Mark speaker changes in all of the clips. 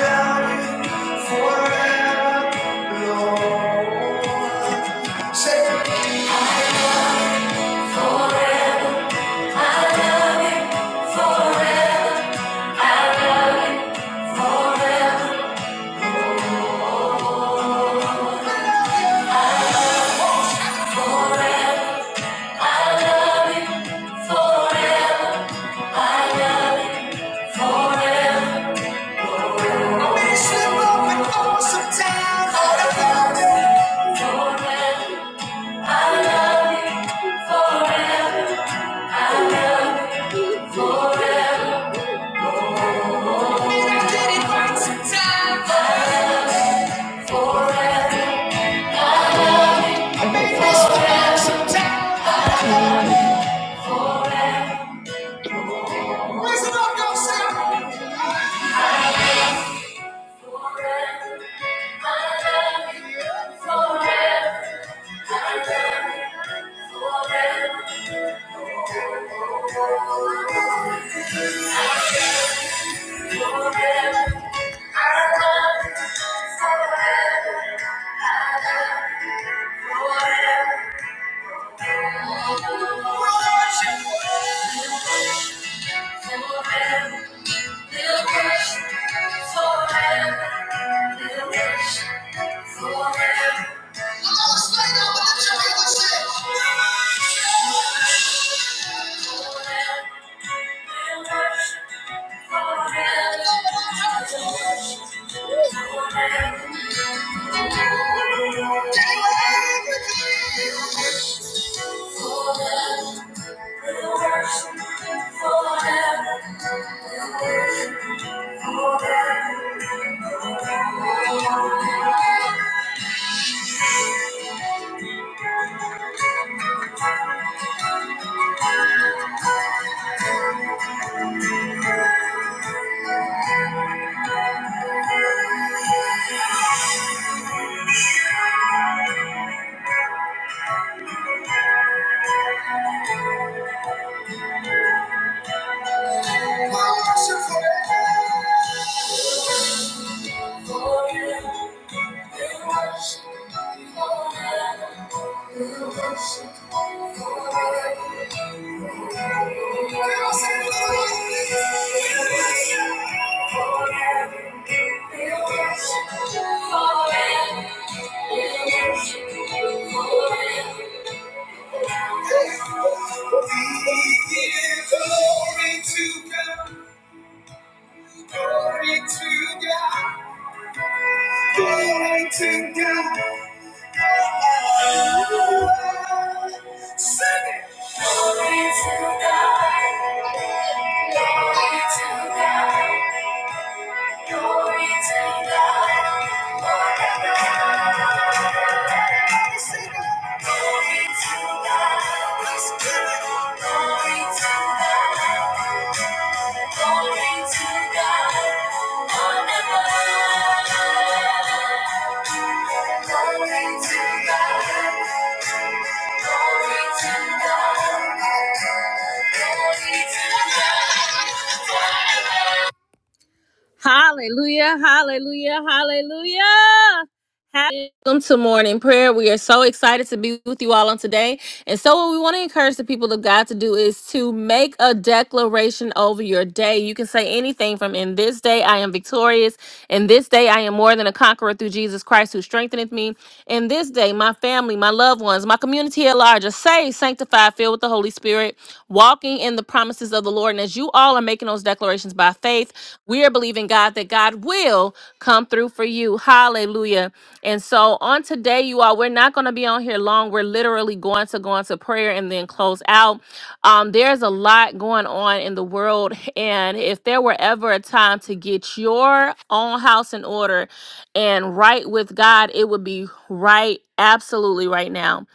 Speaker 1: Forever, forever, forever. Forever. Forever. Forever, we worship forever. we worship forever. we worship forever. we worship forever. we worship forever. Glory to God. Glory to God. Glory to God. Hallelujah, hallelujah, hallelujah. Welcome to morning prayer. We are so excited to be with you all on today. And so, what we want to encourage the people of God to do is to make a declaration over your day. You can say anything from, In this day I am victorious. In this day I am more than a conqueror through Jesus Christ who strengtheneth me. And this day, my family, my loved ones, my community at large are saved, sanctified, filled with the Holy Spirit, walking in the promises of the Lord. And as you all are making those declarations by faith, we are believing God that God will come through for you. Hallelujah. And so on today, you all, we're not going to not going to be on here long. We're literally going to go into prayer and then close out. Um, there's a lot going on in the world. And if there were ever a time to get your own house in order and right with God, it would be right, absolutely right now.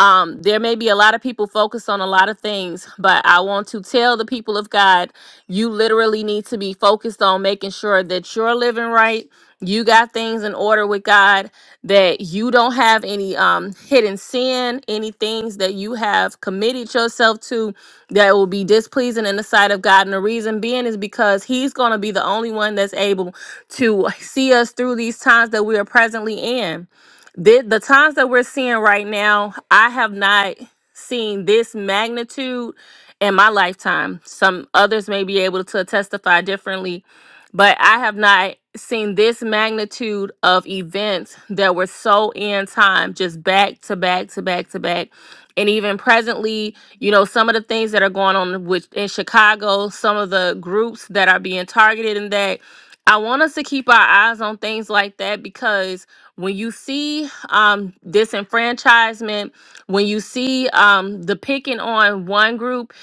Speaker 1: Um, there may be a lot of people focused on a lot of things, but I want to tell the people of God you literally need to be focused on making sure that you're living right. You got things in order with God that you don't have any um, hidden sin, any things that you have committed yourself to that will be displeasing in the sight of God. And the reason being is because He's going to be the only one that's able to see us through these times that we are presently in the, the times that we're seeing right now, I have not seen this magnitude in my lifetime. Some others may be able to testify differently, but I have not seen this magnitude of events that were so in time, just back to back to back to back. And even presently, you know, some of the things that are going on with in Chicago, some of the groups that are being targeted in that. I want us to keep our eyes on things like that because when you see um, disenfranchisement, when you see um, the picking on one group,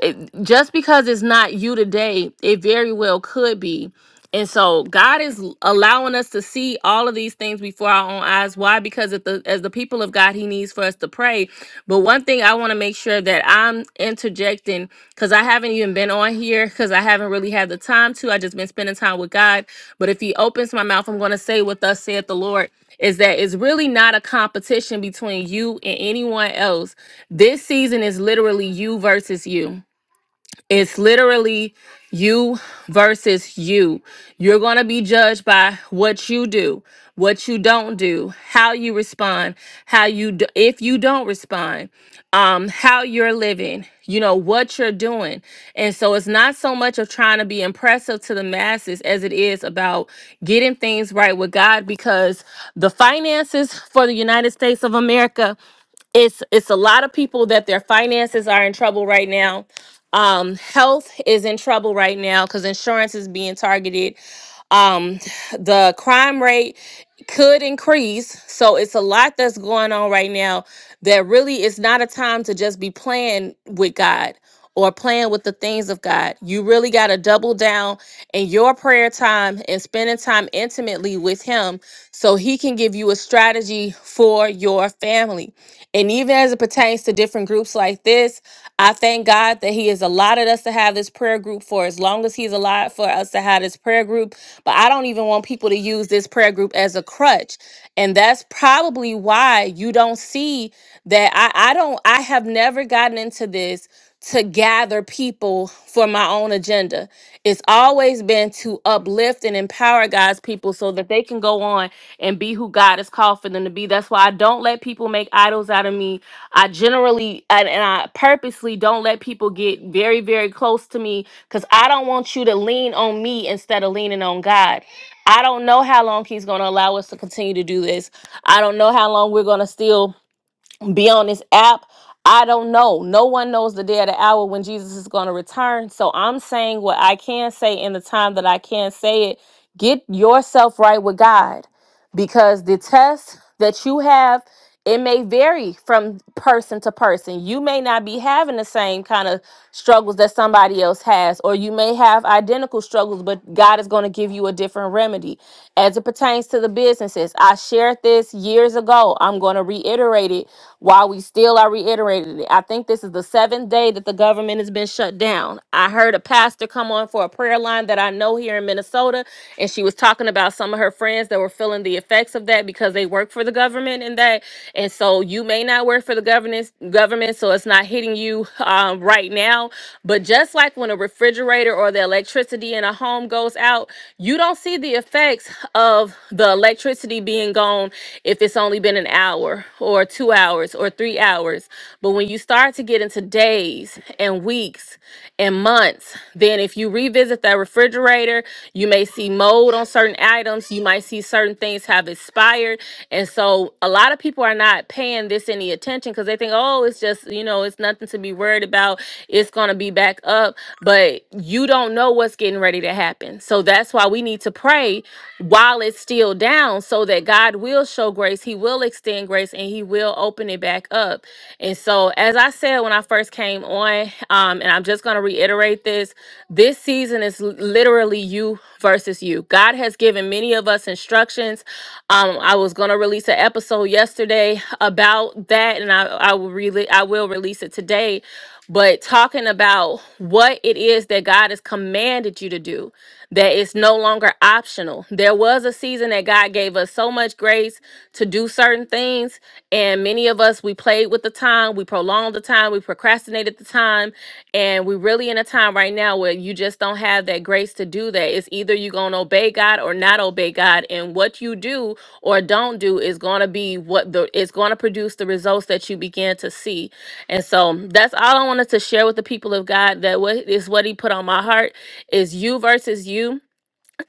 Speaker 1: it, just because it's not you today, it very well could be. And so God is l- allowing us to see all of these things before our own eyes. Why? Because at the, as the people of God, He needs for us to pray but one thing I want to make sure that I'm interjecting because I haven't even been on here because I haven't really had the time to. I just been spending time with God. But if He opens my mouth, I'm going to say what thus saith the Lord is that it's really not a competition between you and anyone else. This season is literally you versus you it's literally you versus you. You're going to be judged by what you do, what you don't do, how you respond, how you d- if you don't respond, um how you're living, you know what you're doing. And so it's not so much of trying to be impressive to the masses as it is about getting things right with God because the finances for the United States of America it's it's a lot of people that their finances are in trouble right now um health is in trouble right now because insurance is being targeted um, the crime rate could increase. So it's a lot that's going on right now that really is not a time to just be playing with God or playing with the things of God. You really got to double down in your prayer time and spending time intimately with Him so He can give you a strategy for your family. And even as it pertains to different groups like this, I thank God that He has allotted us to have this prayer group for as long as He's allowed for us to have this prayer group. But I don't even want people to use this prayer group as a crutch. And that's probably why you don't see that I, I don't, I have never gotten into this to gather people for my own agenda. It's always been to uplift and empower God's people so that they can go on and be who God has called for them to be. That's why I don't let people make idols out of me I generally and, and I purposely don't let people get very, very close to me because I don't want you to lean on me instead of leaning on God. I don't know how long He's going to allow us to continue to do this. I don't know how long we're going to still be on this app. I don't know. No one knows the day or the hour when Jesus is going to return. So I'm saying what I can say in the time that I can say it. Get yourself right with God because the test that you have, it may vary from person to person. You may not be having the same kind of struggles that somebody else has, or you may have identical struggles, but God is going to give you a different remedy. As it pertains to the businesses, I shared this years ago. I'm going to reiterate it while we still are reiterating it. I think this is the seventh day that the government has been shut down. I heard a pastor come on for a prayer line that I know here in Minnesota, and she was talking about some of her friends that were feeling the effects of that because they work for the government and that. And so you may not work for the government, government, so it's not hitting you um, right right now. But just like when a refrigerator or the electricity in a home goes out, you don't see the effects of the electricity being gone if it's only been an hour or two hours or three hours. But when you start to get into days and weeks and months, then if you revisit that refrigerator, you may see mold on certain items, you might see certain things have expired. And so a lot of people are not paying this any attention because they think, oh, it's just, you know, it's nothing to be worried about about it's going to be back up, but you don't know what's getting ready to happen. So that's why we need to pray while it's still down so that God will show grace, He will extend grace, and He will open it back up. And so, as I said when I first came on, um, and I'm just going to reiterate this this season is l- literally you versus you. God has given many of us instructions. Um, I was going to release an episode yesterday about that, and I, I will really I will release it today but talking about what it is that God has commanded you to do, that it's no longer optional. There was a season that God gave us so much grace to do certain things, and many of us we played with the time, we prolonged the time, we procrastinated the time, and we're really in a time right now where you just don't have that grace to do that. It's either you're gonna obey God or not obey God, and what you do or don't do is gonna be what the it's gonna produce the results that you begin to see and so that's all I wanted to share with the people of God that what is what he put on my heart is you versus you.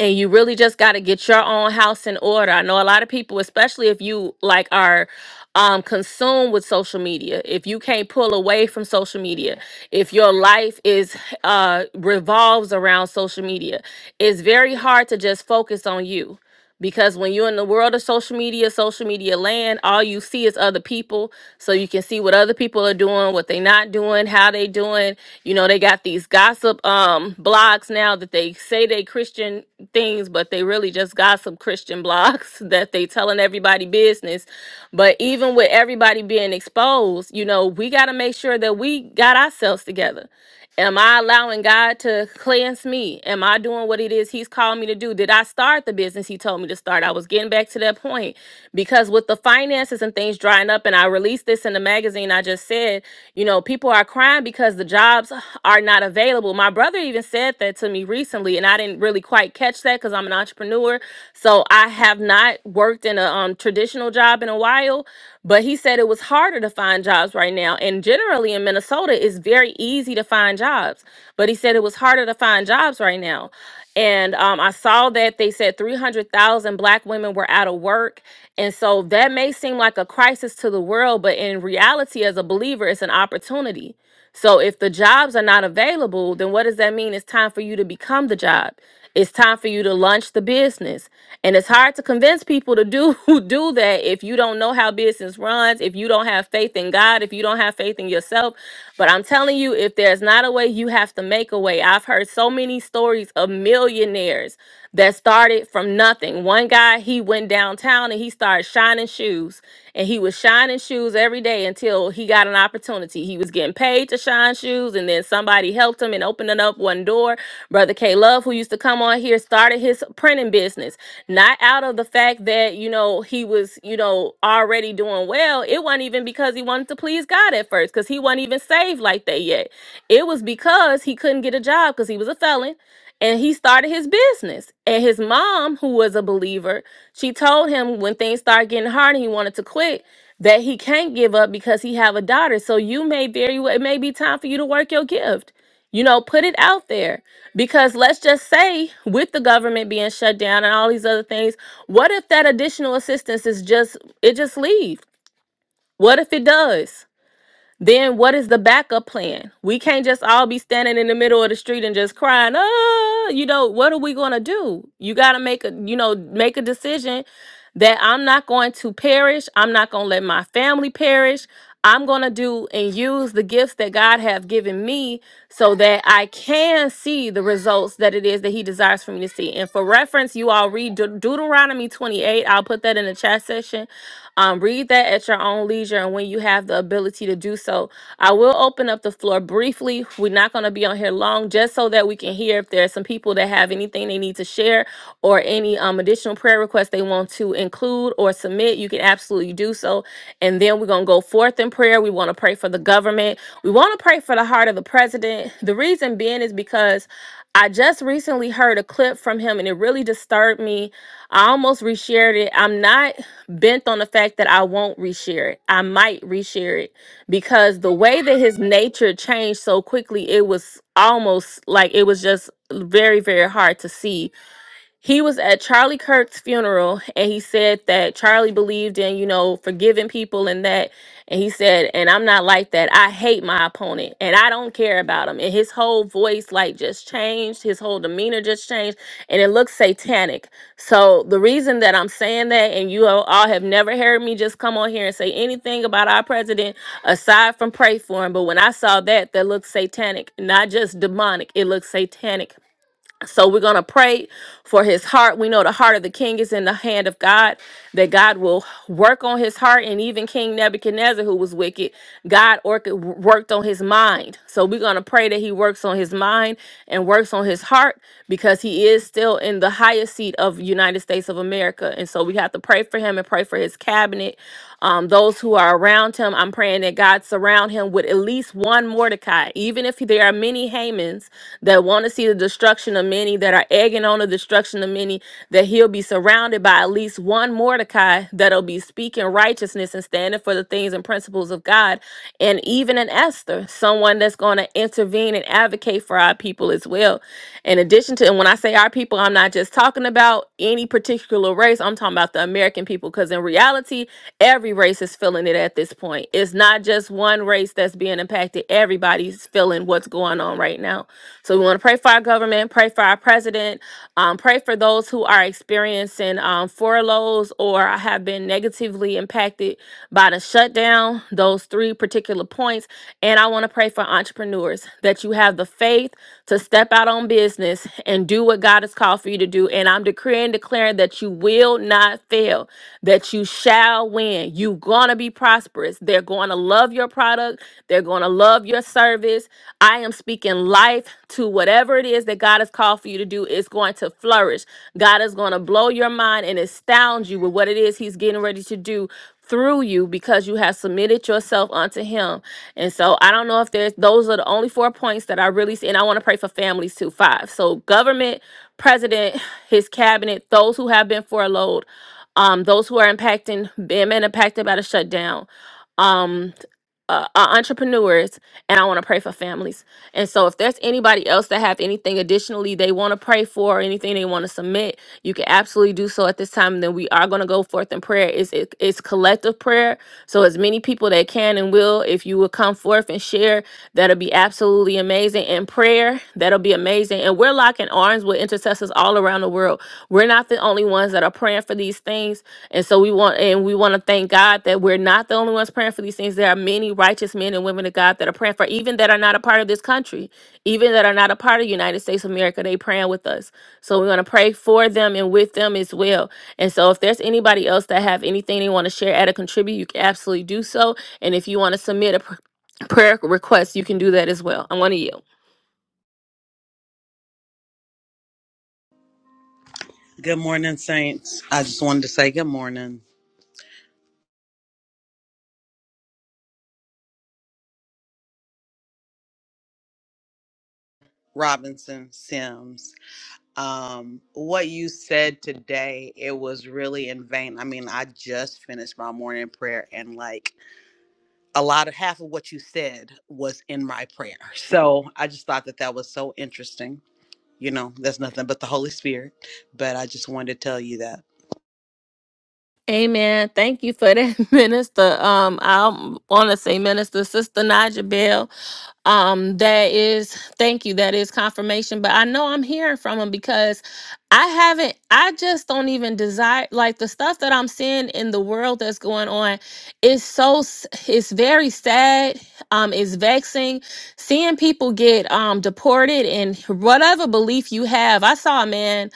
Speaker 1: And you really just got to get your own house in order. I know a lot of people, especially if you like are um consumed with social media, if you can't pull away from social media, if your life is uh revolves around social media, it's very hard to just focus on you because when you're in the world of social media, social media land, all you see is other people. So you can see what other people are doing, what they not doing, how they doing. You know, they got these gossip um blogs now that they say they Christian things, but they really just gossip Christian blogs that they telling everybody business. But even with everybody being exposed, you know, we got to make sure that we got ourselves together. Am I allowing God to cleanse me? Am I doing what it is He's called me to do? Did I start the business He told me to start? I was getting back to that point because with the finances and things drying up, and I released this in the magazine, I just said, you know, people are crying because the jobs are not available. My brother even said that to me recently, and I didn't really quite catch that because I'm an entrepreneur. So I have not worked in a um, traditional job in a while but he said it was harder to find jobs right now. And generally in Minnesota, it's very easy to find jobs. But he said it was harder to find jobs right now. And um, I saw that they said 300,000 black women were out of work. And so that may seem like a crisis to the world, but in reality, as a believer, it's an opportunity. So if the jobs are not available, then what does that mean? It's time for you to become the job. It's time for you to launch the business. And it's hard to convince people to do do that if you don't know how business runs, if you don't have faith in God, if you don't have faith in yourself. But I'm telling you, if there's not a way, you have to make a way. I've heard so many stories of millionaires that started from nothing. One guy, he went downtown and he started shining shoes. And he was shining shoes every day until he got an opportunity. He was getting paid to shine shoes, and then somebody helped him and opening up one door. Brother K Love, who used to come on here, started his printing business. Not out of the fact that, you know, he was, you know, already doing well. It wasn't even because he wanted to please God at first, because he wasn't even saved like that yet. It was because he couldn't get a job because he was a felon and he started his business. And his mom, who was a believer, she told him when things started getting hard and he wanted to quit, that he can't give up because he have a daughter. So you may very well it may be time for you to work your gift. You know, put it out there. Because let's just say with the government being shut down and all these other things, what if that additional assistance is just it just leaves? What if it does? then what is the backup plan? We can't just all be standing in the middle of the street and just crying, oh, you know, what are we gonna do? You gotta make a, you know, make a decision that I'm not going to perish. I'm not gonna let my family perish. I'm gonna do and use the gifts that God have given me so that I can see the results that it is that He desires for me to see. And for reference, you all read Deut- Deuteronomy 28. I'll put that in the chat section um, read that at your own leisure and when you have the ability to do so you. So I will open up the floor briefly. We're not going to be on here long, just so that we can hear if there are some people that have anything they need to share or any um, additional prayer requests they want to include or submit. You can absolutely do so. And then we're going to go forth in prayer. We want to pray for the government. We want to pray for the heart of the president. The reason being is because I just recently heard a clip from him and it really disturbed me. I almost reshared it. I'm not bent on the fact that I won't reshare it. I might reshare it because the way that his nature changed so quickly, it was almost like it was just very, very hard to see he was at Charlie Kirk's funeral and he said that Charlie believed in, you know, forgiving people and that. And he said, and I'm not like that. I hate my opponent and I don't care about him. And his whole voice, like, just changed. His whole demeanor just changed. And it looks satanic. So the reason that I'm saying that, and you all all have never heard me just come on here and say anything about our president aside from pray for him. But when I saw that, that looked satanic, not just demonic, it looked satanic so we're going to pray for his heart. We know the heart of the king is in the hand of God, that God will work on his heart. And even King Nebuchadnezzar, who was wicked, God orc- worked on his mind. So we're going to pray that he works on his mind and works on his heart because he is still in the highest seat of United States of America. And so we have to pray for him and pray for his cabinet um, those who are around him, I'm praying that God surround him with at least one Mordecai, even if there are many Hamans that want to see the destruction of many, that are egging on the destruction of many, that he'll be surrounded by at least one Mordecai that'll be speaking righteousness and standing for the things and principles of God, and even an Esther, someone that's going to intervene and advocate for our people as well. In addition to, and when I say our people, I'm not just talking about any particular race, I'm talking about the American people, because in reality, every race is feeling it at this point. It's not just one race that's being impacted, everybody's feeling what's going on right now. So we want to pray for our government, pray for our president, um, pray for those who are experiencing um, furloughs or have been negatively impacted by the shutdown, those three particular points. And I want to pray for entrepreneurs that you have the faith to step out on business and do what God has called for you to do. And I'm decreeing, declaring that you will not fail, that you shall win. You're going to be prosperous. They're going to to love your product. They're going to love your service. I am speaking life to whatever it is that God has called for you to do. It's going to flourish. God is going to blow your mind and astound you with what it is He's getting ready to do through you because you have submitted yourself unto him. And so I don't know if there's those are the only four points that I really see. And I want to pray for families too. Five. So government, president, his cabinet, those who have been furloughed, um, those who are impacting been impacted by the shutdown. Um, uh, are entrepreneurs and I want to pray for families. And so if there's anybody else that have anything additionally they want to pray for or anything they want to submit, you can absolutely do so at this time. And then we are going to go forth in prayer. It's, it, it's collective prayer. So as many people that can and will, if you will come forth and share, that'll be absolutely amazing. And prayer, that'll be amazing. And we're locking arms with intercessors all around the world. We're not the only ones that are praying for these things and so we want and we want to thank God that we're not the only ones praying for these things. There are many righteous men and women of God that are praying for even that are not a part of this country, even that are not a part of the United States of America, they praying with us. So we're going to pray for them and with them as well. And so if there's anybody else that have anything they want to share, add or contribute, you can absolutely do so. And if you want to submit a pr- prayer request, you can do that as well. I'm going to yield.
Speaker 2: Good morning, Saints. I just wanted to say good morning, Robinson Sims. Um, what you said today, it was really in vain. I mean, I just finished my morning prayer, and like a lot of half of what you said was in my prayer. So I just thought that that was so interesting. You know, that's nothing but the Holy Spirit. But I just wanted to tell you that.
Speaker 1: Amen. Thank you for that, Minister. Um, I want to say, Minister Sister Naja Bell. um that is thank you that is confirmation but i know i'm hearing from him because i haven't i just don't even desire like the stuff that i'm seeing in the world that's going on is so s- it's very sad um it's vexing seeing people get um deported and whatever belief you have i saw a man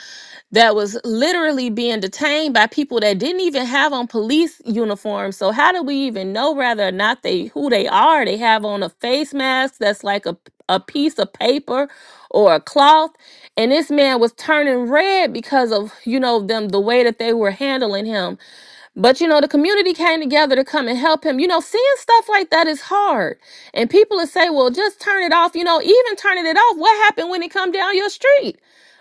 Speaker 1: that was literally being detained by people that didn't even have on police uniforms. So how do we even know whether or not they who they are? They have on a face mask that's like a a piece of paper or a cloth and this man was turning red because of you know them the way that they were handling him but you know, the community came together to come and help him. You know, seeing stuff like that is hard. And people would say, well, just turn it off. You know, even turning it off, what happened when it come down your street?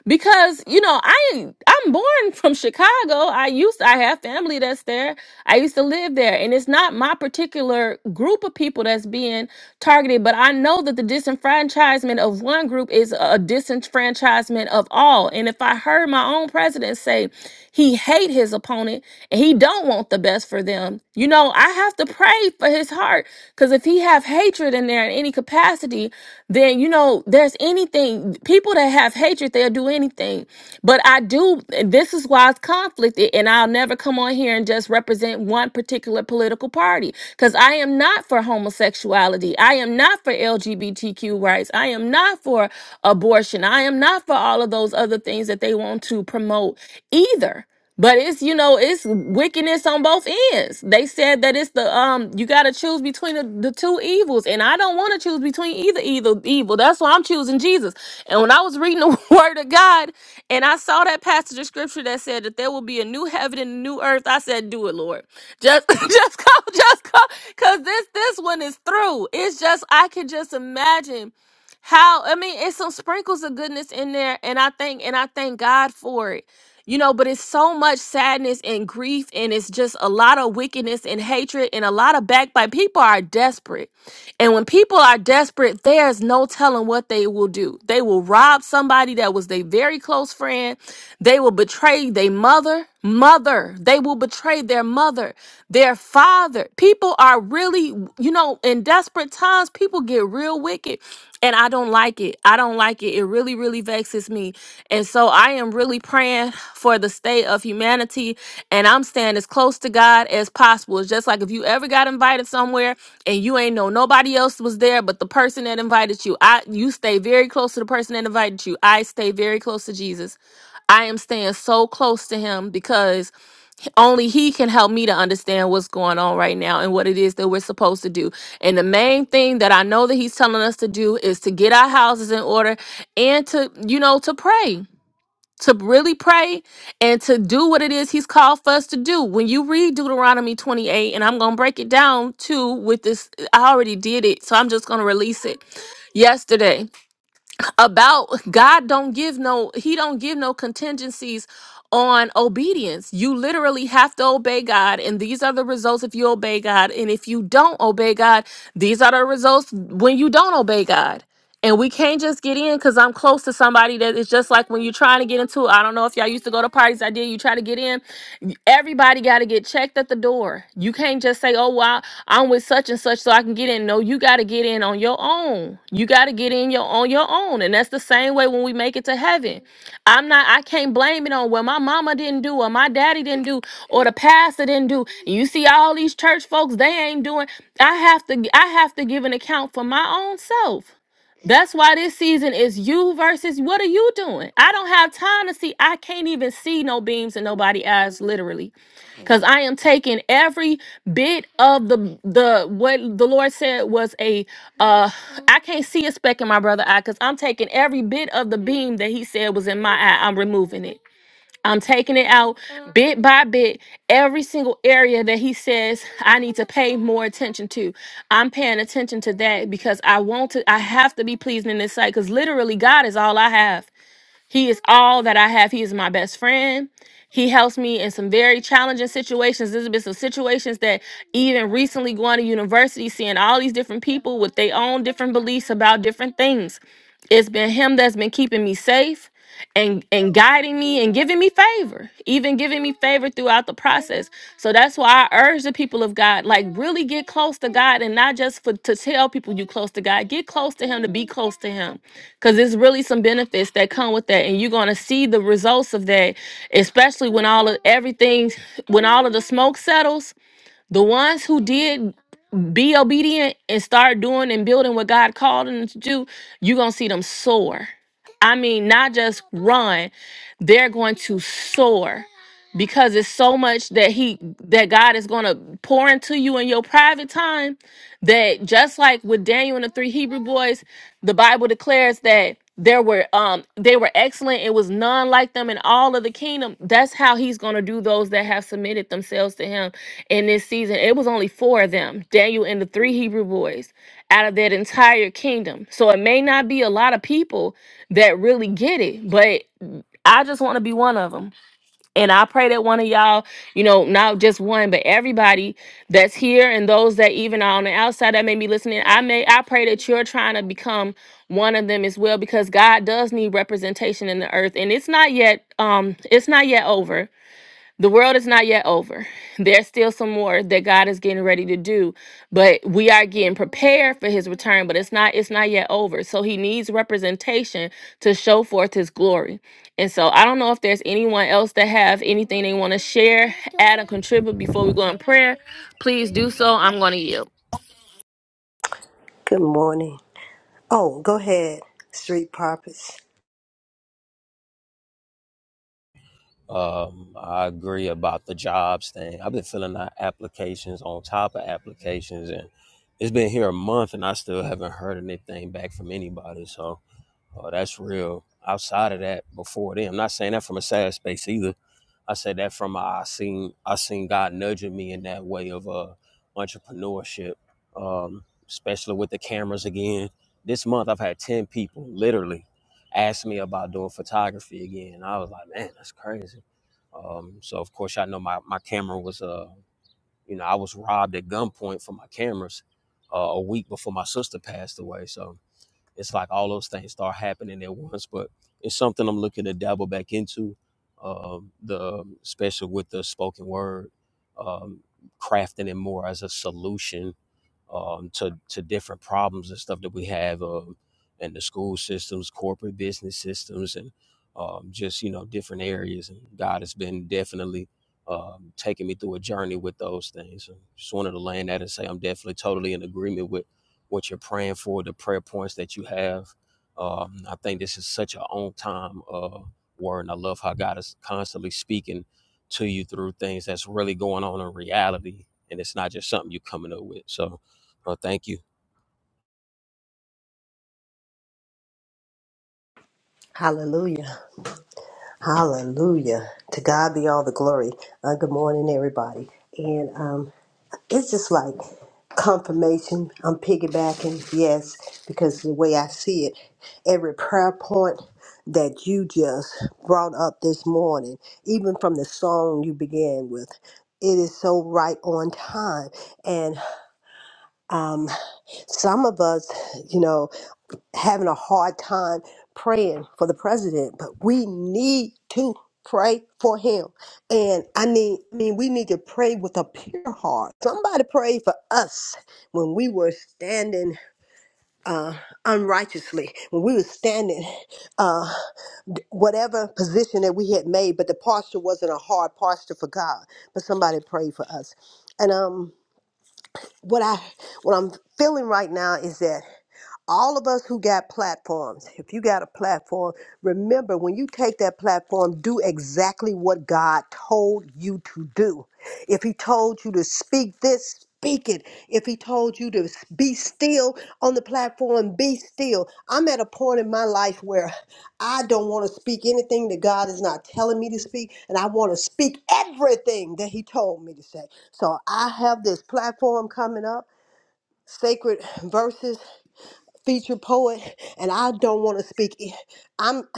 Speaker 1: Because, you know, I I'm born from Chicago. I used I have family that's there. I used to live there. And it's not my particular group of people that's being targeted, but I know that the disenfranchisement of one group is a disenfranchisement of all. And if I heard my own president say he hate his opponent and he don't want the best for them. You know, I have to pray for his heart because if he have hatred in there in any capacity, then you know there's anything. People that have hatred, they'll do anything. But I do. and This is why it's conflicted, and I'll never come on here and just represent one particular political party because I am not for homosexuality. I am not for LGBTQ rights. I am not for abortion. I am not for all all of those other things that they want to promote either. But it's you know it's wickedness on both ends. They said that it's the um you got to choose between the, the two evils, and I don't want to choose between either either evil. That's why I'm choosing Jesus. And when I was reading the Word of God, and I saw that passage of scripture that said that there will be a new heaven and a new earth, I said, "Do it, Lord. Just just come, just come, cause this this one is through. It's just I can just imagine." how I mean, it's some sprinkles of goodness in there, and I think and I thank God for it. You know, but it's so much sadness and grief, and it's just a lot of wickedness and hatred and a lot of backbite. People are desperate. And when people are desperate, there's no telling what they will do. They will rob somebody that was their very close friend. They will betray their mother mother. They will betray their mother, their father. People are really, you know, in desperate times, people get real wicked. And I don't like it. I don't like it. It really, really vexes me. And so I am really praying for the state of humanity. And I'm staying as close to God as possible. It's just like if you ever got invited somewhere and you ain't know nobody else was there but the person that invited you, I you stay very close to the person that invited you. I stay very close to Jesus. I am staying so close to him because only he can help me to understand what's going on right now and what it is that we're supposed to do. And the main thing that I know that he's telling us to do is to get our houses in order and to, you know, to pray. To really pray and to do what it is he's called for us to do. When you read Deuteronomy 28, and I'm going to break it down too with this, I already did it, so I'm just going to release it yesterday about God don't give no he don't give no contingencies on obedience. You literally have to obey God and these are the results if you obey God and if you don't obey God, these are the results when you don't obey God and we can't just get in because I'm close to somebody that it's just like when you're trying to get into. I don't know if y'all used to go to parties. I did. You try to get in. Everybody got to get checked at the door. You can't just say, "Oh, well, I'm with such and such, so I can get in." No, you got to get in on your own. You got to get in your on your own, and that's the same way when we make it to heaven. I'm not. I can't blame it on what my mama didn't do, or my daddy didn't do, or the pastor didn't do. You see, all these church folks, they ain't doing. I have to. I have to give an account for my own self. That's why this season is you versus what are you doing? I don't have time to see. I can't even see no beams in nobody eyes, literally, because I am taking every bit of the the what the Lord said was a uh. I can't see a speck in my brother eye because I'm taking every bit of the beam that He said was in my eye. I'm removing it. I'm taking it out bit by bit, every single area that he says I need to pay more attention to. I'm paying attention to that because I want to, I have to be pleasing in this sight because literally God is all I have. He is all that I have. He is my best friend. He helps me in some very challenging situations. There's been some situations that even recently going to university, seeing all these different people with their own different beliefs about different things. It's been him that's been keeping me safe and and guiding me and giving me favor even giving me favor throughout the process so that's why i urge the people of god like really get close to god and not just for to tell people you close to god get close to him to be close to him because there's really some benefits that come with that and you're going to see the results of that especially when all of everything when all of the smoke settles the ones who did be obedient and start doing and building what God called them to do, you're going to see them soar. I mean, not just run, they're going to soar because it's so much that he that God is going to pour into you in your private time that just like with Daniel and the three Hebrew boys, the Bible declares that there were um they were excellent it was none like them in all of the kingdom that's how he's going to do those that have submitted themselves to him in this season it was only four of them daniel and the three hebrew boys out of that entire kingdom so it may not be a lot of people that really get it but i just want to be one of them and I pray that one of y'all, you know, not just one, but everybody that's here and those that even are on the outside that may be listening, I may I pray that you're trying to become one of them as well because God does need representation in the earth. And it's not yet um it's not yet over the world is not yet over. There's still some more that God is getting ready to do, but we are getting prepared for his return, but it's not it's not yet over. So he needs representation to show forth his glory. And so I don't know if there's anyone else that have anything they want to share, add or contribute before we go in prayer. Please do so. I'm going to yield.
Speaker 3: Good morning. Oh, go ahead, street prophets.
Speaker 4: Um, I agree about the jobs thing. I've been filling out applications on top of applications, and it's been here a month, and I still haven't heard anything back from anybody. So uh, that's real. Outside of that, before then, I'm not saying that from a sad space either I say that from I seen I seen God nudging me in that way of uh entrepreneurship, um, especially with the cameras again. This month I've had ten people literally ask me about doing photography again. I was like, man, that's crazy. Um, so of course I know my my camera was uh you know I was robbed at gunpoint for my cameras uh, a week before my sister passed away. So it's like all those things start happening at once. But it's something I'm looking to dabble back into, um, the um, especially with the spoken word, um, crafting it more as a solution um, to to different problems and stuff that we have um, in the school systems, corporate business systems, and um, just you know different areas. And God has been definitely um, taking me through a journey with those things. And just wanted to land that and say I'm definitely totally in agreement with what you're praying for, the prayer points that you have. Um, I think this is such a on time uh, word, and I love how God is constantly speaking to you through things that's really going on in reality, and it's not just something you're coming up with. So Lord, thank you
Speaker 3: Hallelujah. Hallelujah. To God be all the glory. Uh, good morning, everybody. And um, it's just like confirmation. I'm piggybacking, yes, because the way I see it, every prayer point that you just brought up this morning, even from the song you began with, it is so right on time. And um, some of us, you know. having a hard time praying for the president, but we need to pray for him. And I need I mean, we need to pray with a pure heart. Somebody prayed for us when we were standing uh, unrighteously, when we were standing uh, whatever position that we had made, but the posture wasn't a hard posture for God. But somebody prayed for us, and um, what I what I'm feeling right now is that all of us who got platforms, if you got a platform, remember when you take that platform, do exactly what God told you to do. If He told you to speak this, speak it. If He told you to be still on the platform, be still. I'm at a point in my life where I don't want to speak anything that God is not telling me to speak, and I want to speak everything that He told me to say. So I have this platform coming up. Sacred verses featured poet, and I don't want to speak. i- am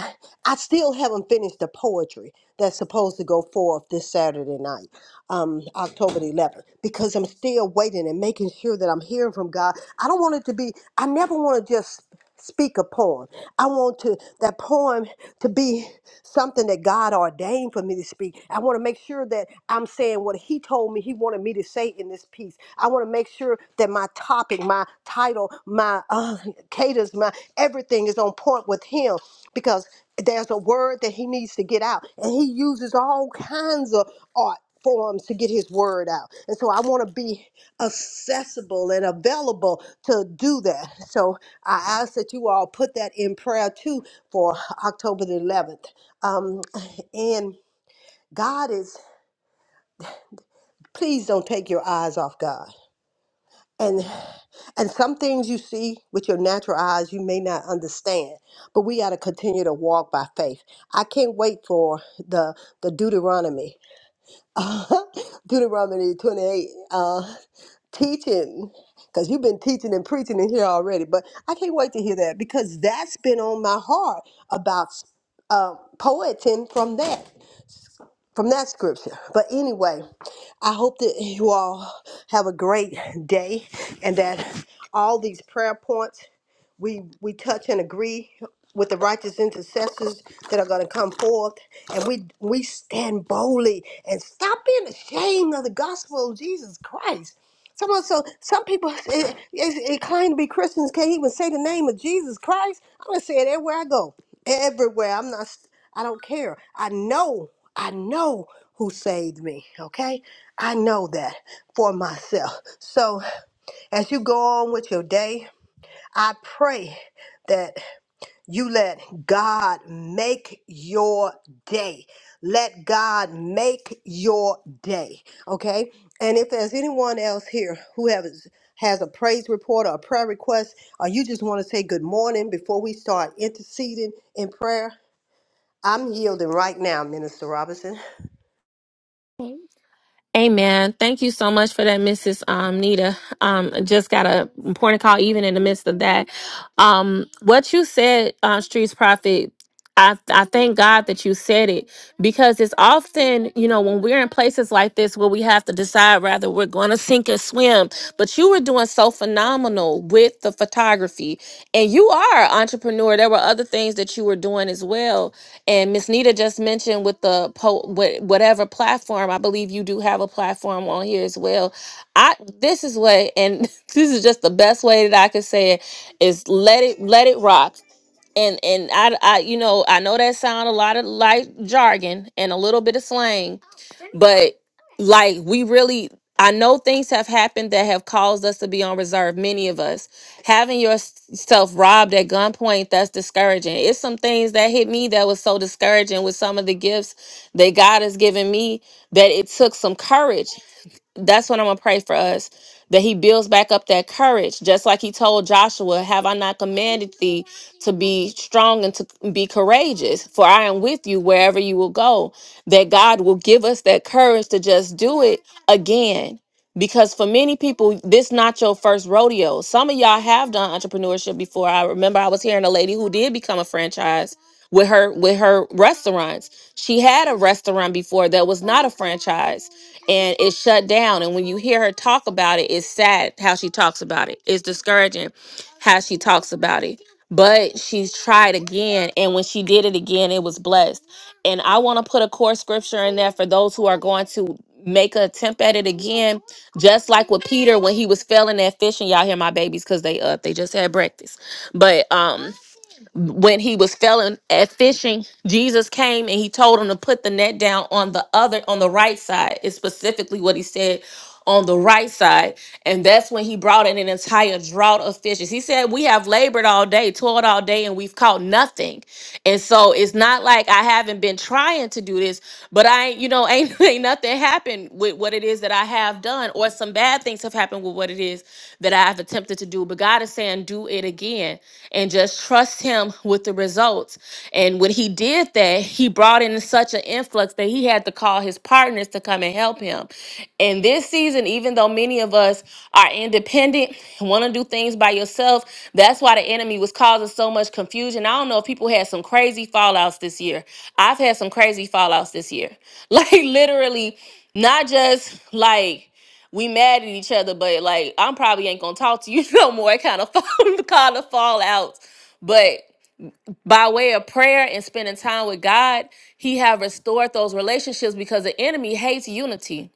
Speaker 3: I still haven't finished the poetry that's supposed to go forth this Saturday night um, October the 11th because I'm still waiting and making sure that I'm hearing from God. I don't want it to be, I never want to just speak a poem. I want to that poem to be something that God ordained for me to speak. I want to make sure that I'm saying what he told me he wanted me to say in this piece. I want to make sure that my topic, my title, my uh, cadence, my everything is on point with him because there's a word that he needs to get out and he uses all kinds of art forms to get his word out and so i want to be accessible and available to do that so i ask that you all put that in prayer too for october the 11th um, and god is please don't take your eyes off god and and some things you see with your natural eyes you may not understand but we got to continue to walk by faith i can't wait for the the deuteronomy deuteronomy 28 uh teaching because you've been teaching and preaching in here already but i can't wait to hear that because that's been on my heart about uh poeting from that from that scripture. But anyway, I hope that you all have a great day and that all these prayer points we we touch and agree with the righteous intercessors that are going to come forth and we we stand boldly and stop being ashamed of the gospel of jesus christ some so some people eh, eh, eh, claim to be christians can't even say the name of jesus christ i'm going to say it everywhere i go everywhere i'm not i don't care i know i know who saved me okay i know that for myself so as you go on with your day I pray that you let God make your day. Let God make your day. Okay? And if there's anyone else here who has has a praise report or a prayer request, or you just want to say good morning before we start interceding in prayer, I'm yielding right now, Minister Robinson.
Speaker 1: Amen. Thank you so much for that, Mrs. Um, Nita. Um, just got a important call even in the midst of that. Um, what you said, uh, Streets Prophet, I, I thank God that you said it because it's often, you know, when we're in places like this where we have to decide whether we're going to sink or swim, but you were doing so phenomenal with the photography and you are an entrepreneur. There were other things that you were doing as well and Miss Nita just mentioned with the po- wha- whatever platform, I believe you do have a platform on here as well. I this is what, and this is just the best way that I could say it is let it let it rock and and I, I you know i know that sound a lot of like jargon and a little bit of slang but like we really i know things have happened that have caused us to be on reserve many of us having yourself robbed at gunpoint that's discouraging it's some things that hit me that was so discouraging with some of the gifts that god has given me that it took some courage that's what I'm gonna pray for us that he builds back up that courage, just like he told Joshua, Have I not commanded thee to be strong and to be courageous? For I am with you wherever you will go. That God will give us that courage to just do it again. Because for many people, this not your first rodeo. Some of y'all have done entrepreneurship before. I remember I was hearing a lady who did become a franchise with her with her restaurants. She had a restaurant before that was not a franchise and it shut down. And when you hear her talk about it, it's sad how she talks about it. It's discouraging how she talks about it. But she's tried again, and when she did it again, it was blessed. And I want to put a core scripture in there for those who are going to make an attempt at it again, just like with Peter when he was failing at fishing. Y'all hear my babies because they up. They just had breakfast. But um when he was failing at fishing, Jesus came and he told him to put the net down on the other, on the right side. Is specifically what he said on the right side. And that's when he brought in an entire drought of fishes. He said, We have labored all day, toiled all day, and we've caught nothing. And so it's not like I haven't been trying to do this, but I, you know, ain't, ain't nothing happened with what it is that I have done, or some bad things have happened with what it is that I have attempted to do do, but God is saying, do it again and just trust Him with the results. And when He did that, He brought in such an influx that He had to call His partners to come and help Him. And this season, even though many of us are independent, want to do things by yourself, that's why the enemy was causing so much confusion. I don't know if people had some crazy fallouts this year. I've had some crazy fallouts this year. Like, literally, not just like, we mad at each other, but like I'm probably ain't gonna talk to you no more. It kind of fall kind of fallout. But by way of prayer and spending time with God, He have restored those relationships because the enemy hates unity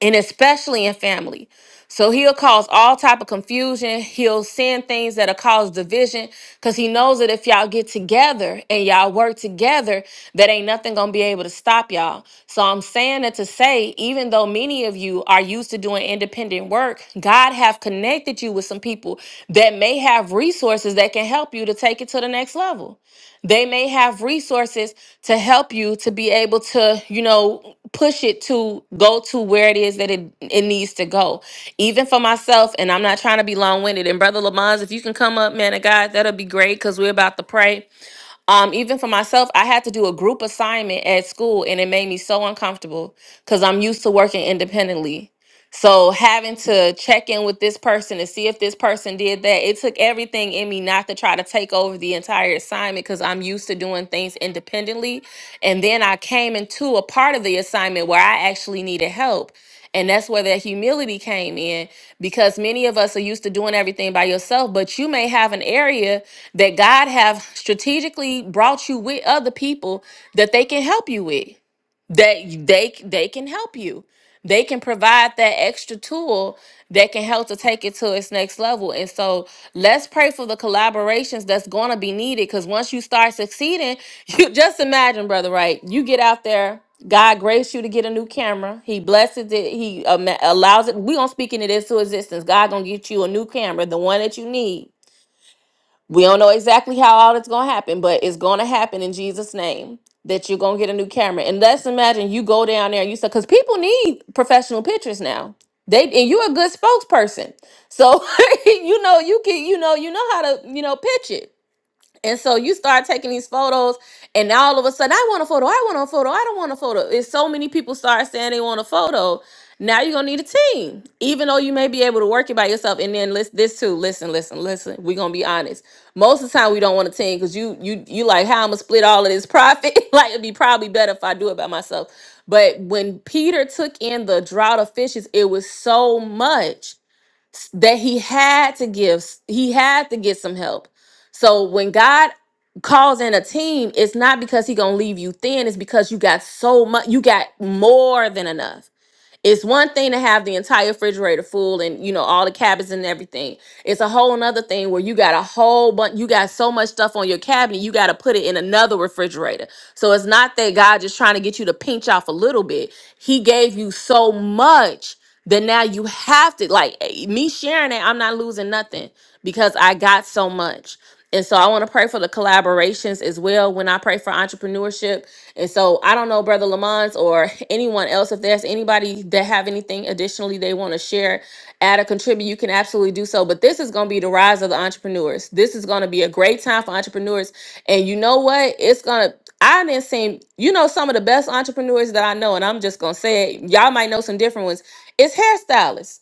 Speaker 1: and especially in family. So he'll cause all type of confusion. He'll send things that'll cause division because he knows that if y'all get together and y'all work together, that ain't nothing gonna be able to stop y'all. So I'm saying that to say, even though many of you are used to doing independent work, God have connected you with some people that may have resources that can help you to take it to the next level they may have resources to help you to be able to you know push it to go to where it is that it, it needs to go even for myself and i'm not trying to be long-winded and brother lamons if you can come up man of god that'll be great because we're about to pray um even for myself i had to do a group assignment at school and it made me so uncomfortable because i'm used to working independently so having to check in with this person to see if this person did that, it took everything in me not to try to take over the entire assignment because I'm used to doing things independently. And then I came into a part of the assignment where I actually needed help. And that's where that humility came in because many of us are used to doing everything by yourself, but you may have an area that God have strategically brought you with other people that they can help you with that y- they c- they can help you they can provide that extra tool that can help to take it to its next level. And so let's pray for the collaborations that's going to be needed because once you start succeeding, you just imagine, brother, right? You get out there. God graced you to get a new camera. He blesses it. He ama- allows it. we going to speak into this to existence. God going to get you a new camera, the one that you need we don't know exactly how all it's gonna happen, but it's gonna happen in Jesus' name that you're gonna get a new camera. And let's imagine you go down there and you say, because people need professional pictures now. They and you're a good spokesperson. So you know you can you know you know how to you know pitch it. And so you start taking these photos, and now all of a sudden, I want a photo. I want a photo. I don't want a photo. It's so many people start saying they want a photo. Now you're gonna need a team, even though you may be able to work it by yourself. And then listen, this too. Listen, listen, listen. We're gonna be honest. Most of the time, we don't want a team because you, you, you like how I'm gonna split all of this profit. like it'd be probably better if I do it by myself. But when Peter took in the drought of fishes, it was so much s- that he had to give he had to get some help so when god calls in a team it's not because he gonna leave you thin it's because you got so much you got more than enough it's one thing to have the entire refrigerator full and you know all the cabinets and everything. It's a whole another thing where you got a whole bunch, you got so much stuff on your cabinet, you got to put it in another refrigerator. So it's not that God just trying to get you to pinch off a little bit. He gave you so much that now you have to like eh, me sharing it. I'm not losing nothing because I got so much. And so I want to pray for the collaborations as well when I pray for entrepreneurship. And so I don't know, Brother Lamont or anyone else, if there's anybody that have anything additionally they want to share, add or contribute, you can absolutely do so. But this is going to be the rise of the entrepreneurs. This is going to be a great time for entrepreneurs. And you know what? It's going to, I didn't see, you know, some of the best entrepreneurs that I know, and I'm just going to say it. Y'all might know some different ones. It's hairstylists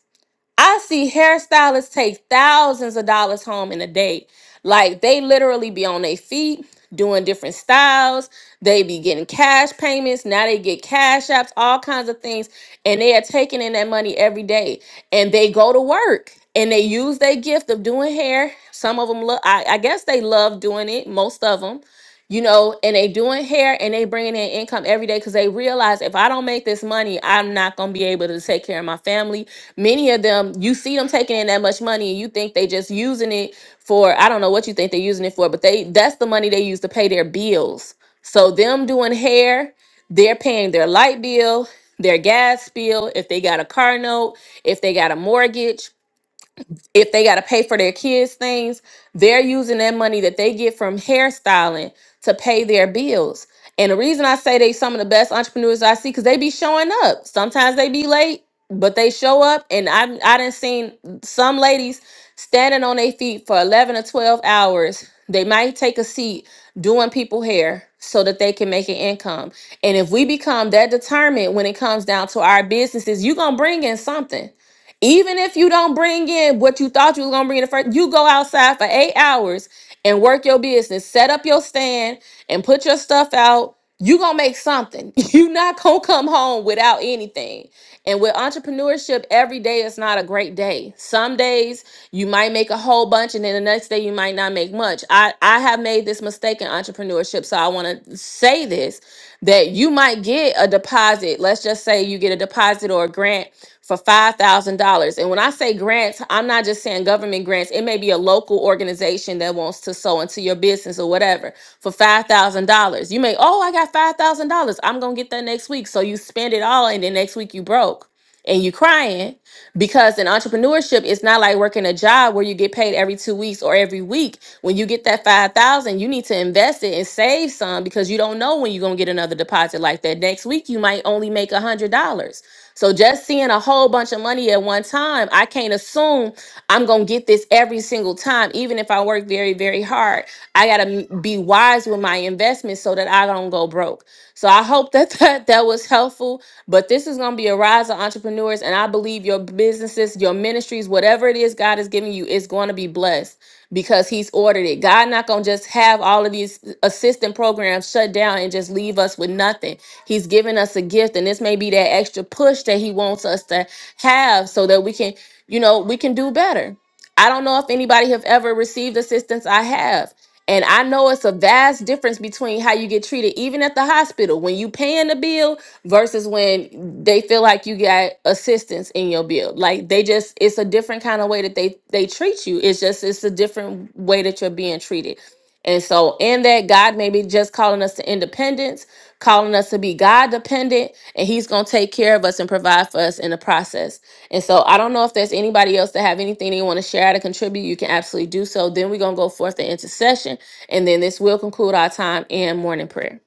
Speaker 1: I see hairstylists take thousands of dollars home in a day. Like they literally be on their feet doing different styles. They be getting cash payments. Now they get cash apps, all kinds of things. And they are taking in that money every day. And they go to work and they use their gift of doing hair. Some of them look, I, I guess they love doing it, most of them you know, and they doing hair and they bringing in income every day because they realize if I don't make this money, I'm not gonna be able to take care of my family. Many of them, you see them taking in that much money, and you think they just using it for I don't know what you think they're using it for, but they that's the money they use to pay their bills. So them doing hair, they're paying their light bill, their gas bill, if they got a car note, if they got a mortgage if they got to pay for their kids things they're using that money that they get from hairstyling to pay their bills and the reason i say they some of the best entrepreneurs i see because they be showing up sometimes they be late but they show up and i i done seen some ladies standing on their feet for 11 or 12 hours they might take a seat doing people hair so that they can make an income and if we become that determined when it comes down to our businesses you're gonna bring in something even if you don't bring in what you thought you was gonna bring in the first, you go outside for eight hours and work your business, set up your stand and put your stuff out. You gonna make something. you not gonna come home without anything. And with entrepreneurship, every day is not a great day. Some days you might make a whole bunch, and then the next day you might not make much. I I have made this mistake in entrepreneurship, so I want to say this that you might get a deposit. Let's just say you get a deposit or a grant for $5,000. And when I say grants, I'm not just saying government grants. It may be a local organization that wants to sow into your business or whatever for $5,000. You may, oh, I got $5,000. I'm going to get that next week. So you spend it all and then next week you broke and you crying because in entrepreneurship it's not like working a job where you get paid every two weeks or every week when you get that 5000 you need to invest it and save some because you don't know when you're going to get another deposit like that next week you might only make a hundred dollars so just seeing a whole bunch of money at one time i can't assume i'm going to get this every single time even if i work very very hard i got to be wise with my investments so that i don't go broke so I hope that that, that was helpful. But this is going to be a rise of entrepreneurs. And I believe your businesses, your ministries, whatever it is God is giving you, is going to be blessed because he's ordered it. God not going to just have all of these assistant programs shut down and just leave us with nothing. He's given us a gift. And this may be that extra push that he wants us to have so that we can, you know, we can do better. I don't know if anybody have ever received assistance I have. And I know it's a vast difference between how you get treated, even at the hospital, when you paying the bill versus when they feel like you got assistance in your bill. Like they just, it's a different kind of way that they they treat you. It's just, it's a different way that you're being treated. And so, in that, God may be just calling us to independence, calling us to be God dependent, and He's going to take care of us and provide for us in the process. And so I don't know if there's anybody else that have anything they want to share to contribute. You can absolutely do so. Then we're gonna go forth to intercession, and then this will conclude our time in morning prayer.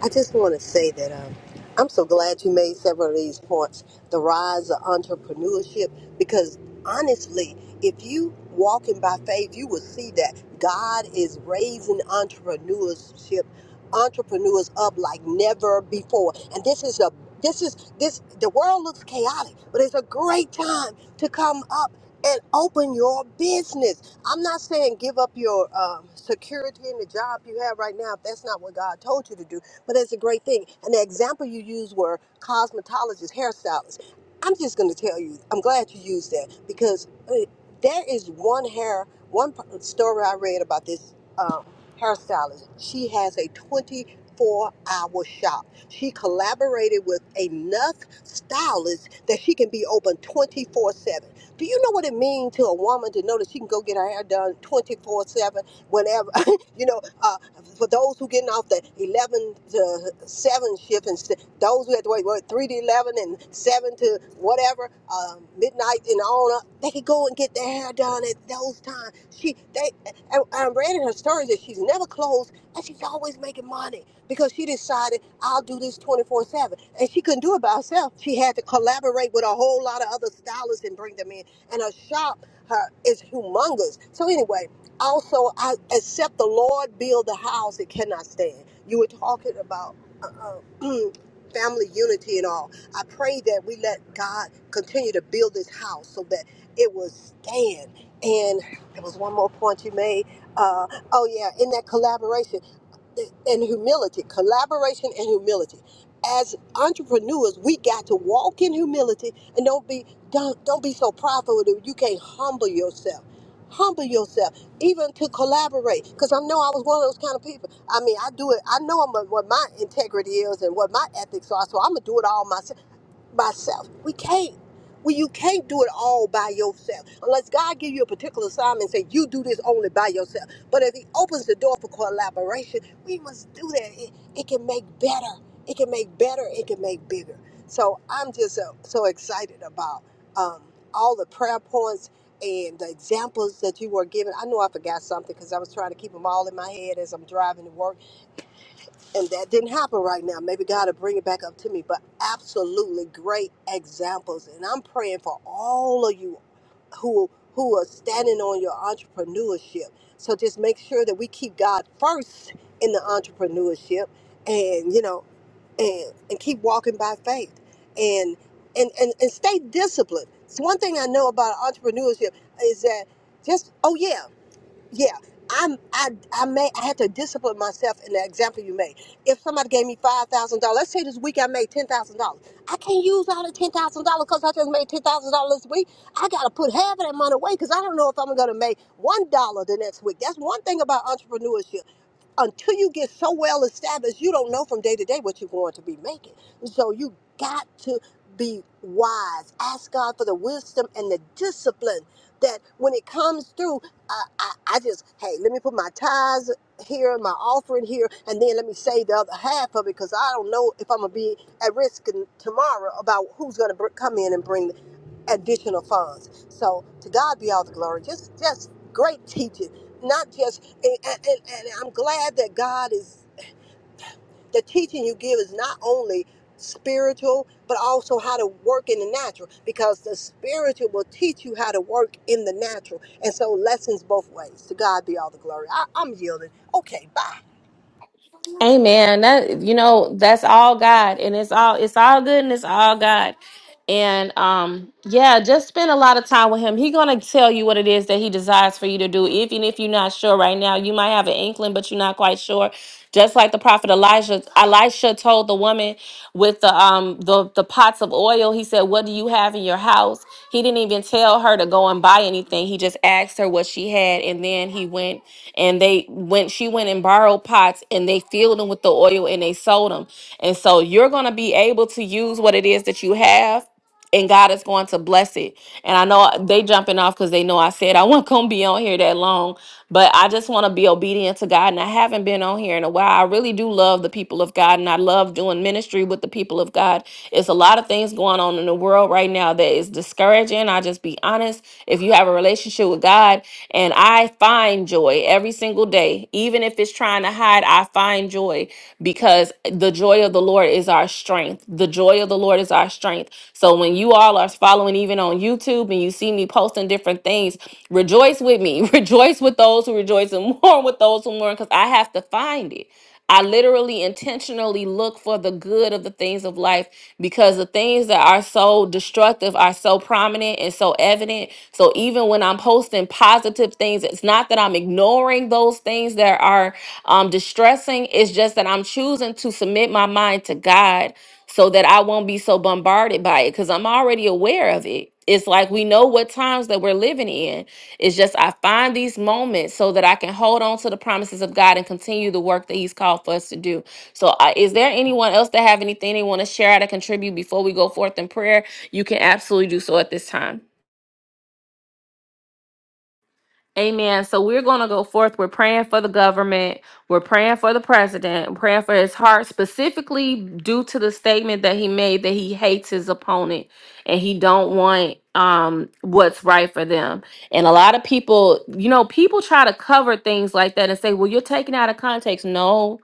Speaker 3: I just want to say that um, I'm so glad you made several of these points. The rise of entrepreneurship, because honestly, if you walking by faith, you will see that God is raising entrepreneurship, entrepreneurs up like never before. And this is a this is this the world looks chaotic, but it's a great time to come up and open your business. I'm not saying give up your um, security in the job you have right now if that's not what God told you to do but it's a great thing. And the example you used were cosmetologists, hairstylists. I'm just going to tell you, I'm glad you used that because uh, there is one hair, one p- story I read about this um, hairstylist. She has a 24 hour shop. She collaborated with enough stylists that she can be open 24 7. Do you know what it means to a woman to know that she can go get her hair done 24 7? whenever? You know, uh, for those who getting off the 11 to 7 shift and s- those who had to wait, what, 3 to 11 and 7 to whatever, uh, midnight and on up, they could go and get their hair done at those times. She, they, and I read in her stories that she's never closed and she's always making money because she decided, I'll do this 24 7. And she couldn't do it by herself. She had to collaborate with a whole lot of other stylists and bring them in. And her shop her, is humongous. So, anyway, also I, except the lord build the house it cannot stand you were talking about uh, uh, family unity and all i pray that we let god continue to build this house so that it will stand and there was one more point you made uh, oh yeah in that collaboration and humility, collaboration and humility. As entrepreneurs, we got to walk in humility and don't be don't don't be so prideful that you can't humble yourself. Humble yourself, even to collaborate. Because I know I was one of those kind of people. I mean, I do it. I know I'm a, what my integrity is and what my ethics are. So I'm gonna do it all myself myself. We can't. Well, you can't do it all by yourself unless God give you a particular assignment and say you do this only by yourself. But if He opens the door for collaboration, we must do that. It, it can make better. It can make better. It can make bigger. So I'm just uh, so excited about um, all the prayer points and the examples that you were given. I know I forgot something because I was trying to keep them all in my head as I'm driving to work and that didn't happen right now. Maybe God will bring it back up to me, but absolutely great examples. And I'm praying for all of you who who are standing on your entrepreneurship. So just make sure that we keep God first in the entrepreneurship and you know and and keep walking by faith and and and, and stay disciplined. It's one thing I know about entrepreneurship is that just oh yeah yeah i'm i i may i had to discipline myself in the example you made if somebody gave me five thousand dollars let's say this week i made ten thousand dollars i can't use all the ten thousand dollars because i just made ten thousand dollars this week i gotta put half of that money away because i don't know if i'm gonna make one dollar the next week that's one thing about entrepreneurship until you get so well established, you don't know from day to day what you're going to be making. So you got to be wise. Ask God for the wisdom and the discipline that when it comes through, I, I, I just, hey, let me put my tithes here, my offering here, and then let me save the other half of it because I don't know if I'm going to be at risk in, tomorrow about who's going to br- come in and bring additional funds. So to God be all the glory. Just, just great teaching. Not just and, and, and and I'm glad that God is the teaching you give is not only spiritual but also how to work in the natural because the spiritual will teach you how to work in the natural and so lessons both ways to God be all the glory I, I'm yielding okay bye
Speaker 1: Amen. That you know, that's all God, and it's all it's all good, and it's all God. and um yeah just spend a lot of time with him he gonna tell you what it is that he desires for you to do even if you're not sure right now you might have an inkling but you're not quite sure just like the prophet elijah elisha told the woman with the um the, the pots of oil he said what do you have in your house he didn't even tell her to go and buy anything he just asked her what she had and then he went and they went she went and borrowed pots and they filled them with the oil and they sold them and so you're going to be able to use what it is that you have and God is going to bless it. And I know they jumping off because they know I said I wasn't gonna be on here that long, but I just want to be obedient to God. And I haven't been on here in a while. I really do love the people of God, and I love doing ministry with the people of God. It's a lot of things going on in the world right now that is discouraging. I just be honest. If you have a relationship with God, and I find joy every single day, even if it's trying to hide, I find joy because the joy of the Lord is our strength. The joy of the Lord is our strength. So when you all are following even on YouTube and you see me posting different things, rejoice with me. Rejoice with those who rejoice and mourn with those who mourn because I have to find it. I literally intentionally look for the good of the things of life because the things that are so destructive are so prominent and so evident. So even when I'm posting positive things, it's not that I'm ignoring those things that are um, distressing. It's just that I'm choosing to submit my mind to God so that I won't be so bombarded by it because I'm already aware of it. It's like we know what times that we're living in it's just I find these moments so that I can hold on to the promises of God and continue the work that He's called for us to do. So, uh, is there anyone else that have anything they want to share or to contribute before we go forth in prayer? You can absolutely do so at this time. Amen. So we're going to go forth. We're praying for the government. We're praying for the president. We're praying for his heart, specifically due to the statement that he made that he hates his opponent and he don't want um what's right for them. And a lot of people, you know, people try to cover things like that and say, "Well, you're taking out of context." No,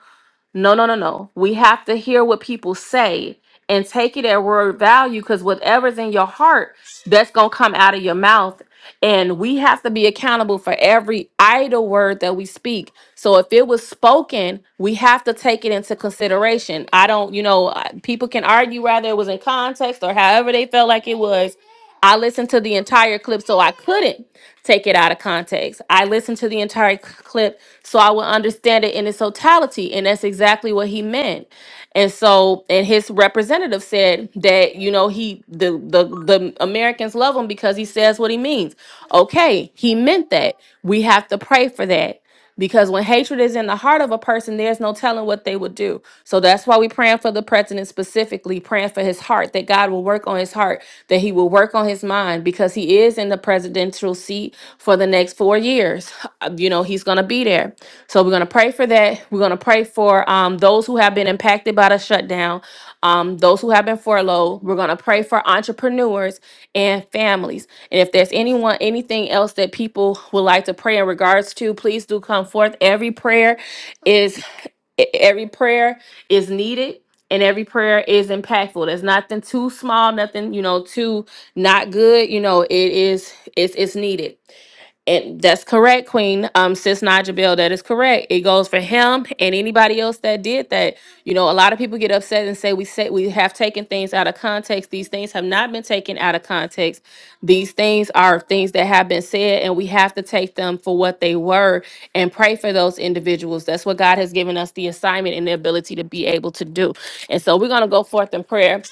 Speaker 1: no, no, no, no. We have to hear what people say and take it at word value because whatever's in your heart, that's going to come out of your mouth. And we have to be accountable for every idle word that we speak. So if it was spoken, we have to take it into consideration. I don't, you know, I- people can argue whether it was in context or however they felt like it was. I listened to the entire clip, so I couldn't take it out of context. I listened to the entire c- clip so I would understand it in its totality, and that's exactly what he meant. And so, and his representative said that you know he the the the Americans love him because he says what he means. Okay, he meant that. We have to pray for that. Because when hatred is in the heart of a person, there's no telling what they would do. So that's why we're praying for the for the president specifically, praying for his heart, that God will work on his heart, that he will work on his mind, because he is in the presidential seat for the next four years. Uh, You know, he's going to be there. So we're going to pray for that. We're going to pray for um, those who have been impacted by the shutdown, um, those who have been furloughed. We're going to pray for entrepreneurs and families. And if there's anyone, anything else that people would like to pray in regards to, please do come forth. Every prayer is e-, every prayer is needed and every prayer is impactful. There's nothing too small, nothing, you know, too not good. You know, it is it's it's needed. And that's correct, Queen. Um, Sis Naja Bell, that is correct. It goes for him and anybody else that did that. You know, a lot of people get upset and say we say we have taken things out of context. These things have not been taken out of context. These things are things that have been said, and we have to take them for what they were and pray for those individuals. That's what God has given us the assignment and the ability to be able to do. And so we're gonna go forth in prayer.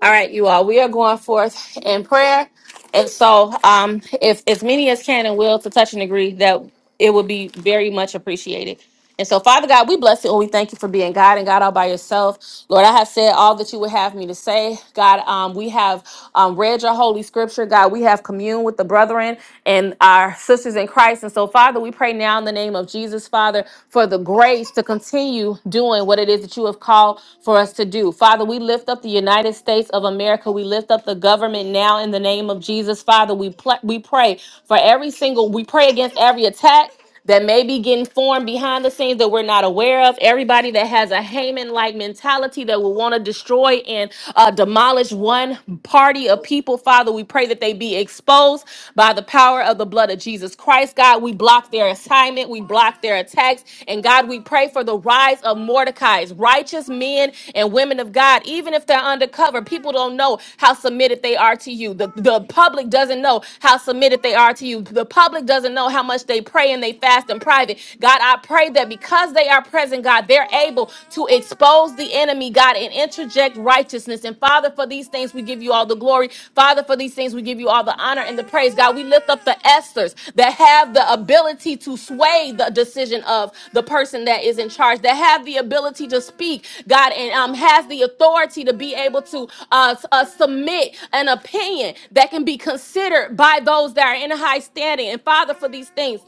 Speaker 1: All right, you all. We are going forth in prayer, and so um, if as many as can and will to touch and agree, that it would be very much appreciated. And so, Father God, we bless you and we thank you for being God and God all by yourself. Lord, I have said all that you would have me to say. God, um, we have um, read your holy scripture. God, we have communed with the brethren and our sisters in Christ. And so, Father, we pray now in the name of Jesus, Father, for for the grace to continue doing what it is that you have called for us to do. Father, we lift up the United States of America. We lift up the government now in the name of Jesus. Father, we pl- we pray for every single we pray against every attack that may be getting formed behind the scenes that we're not aware of. Everybody that has a Haman like mentality that will want to destroy and uh, demolish one party of people, Father, we pray that they be exposed by the power of the blood of Jesus Christ. God, we block their assignment, we block their attacks. And God, we pray for the rise of Mordecai's righteous men and women of God, even if they're undercover. People don't know how submitted they are to you. The, the public doesn't know how submitted they are to you. The public doesn't know how much they pray and they fast in private. God, I pray that because they are present, God, they're able to expose the enemy enemy, God, and interject righteousness. And Father, for these things, we give you all the glory. Father, for these things, we give you all the honor and the praise. God, we lift up the Esther's that have the ability to sway the decision of the person that is in charge, that have the ability to speak, God, and um, has the authority to be able to uh, uh, submit an opinion that can be considered by those that are in high standing. And Father, for these things,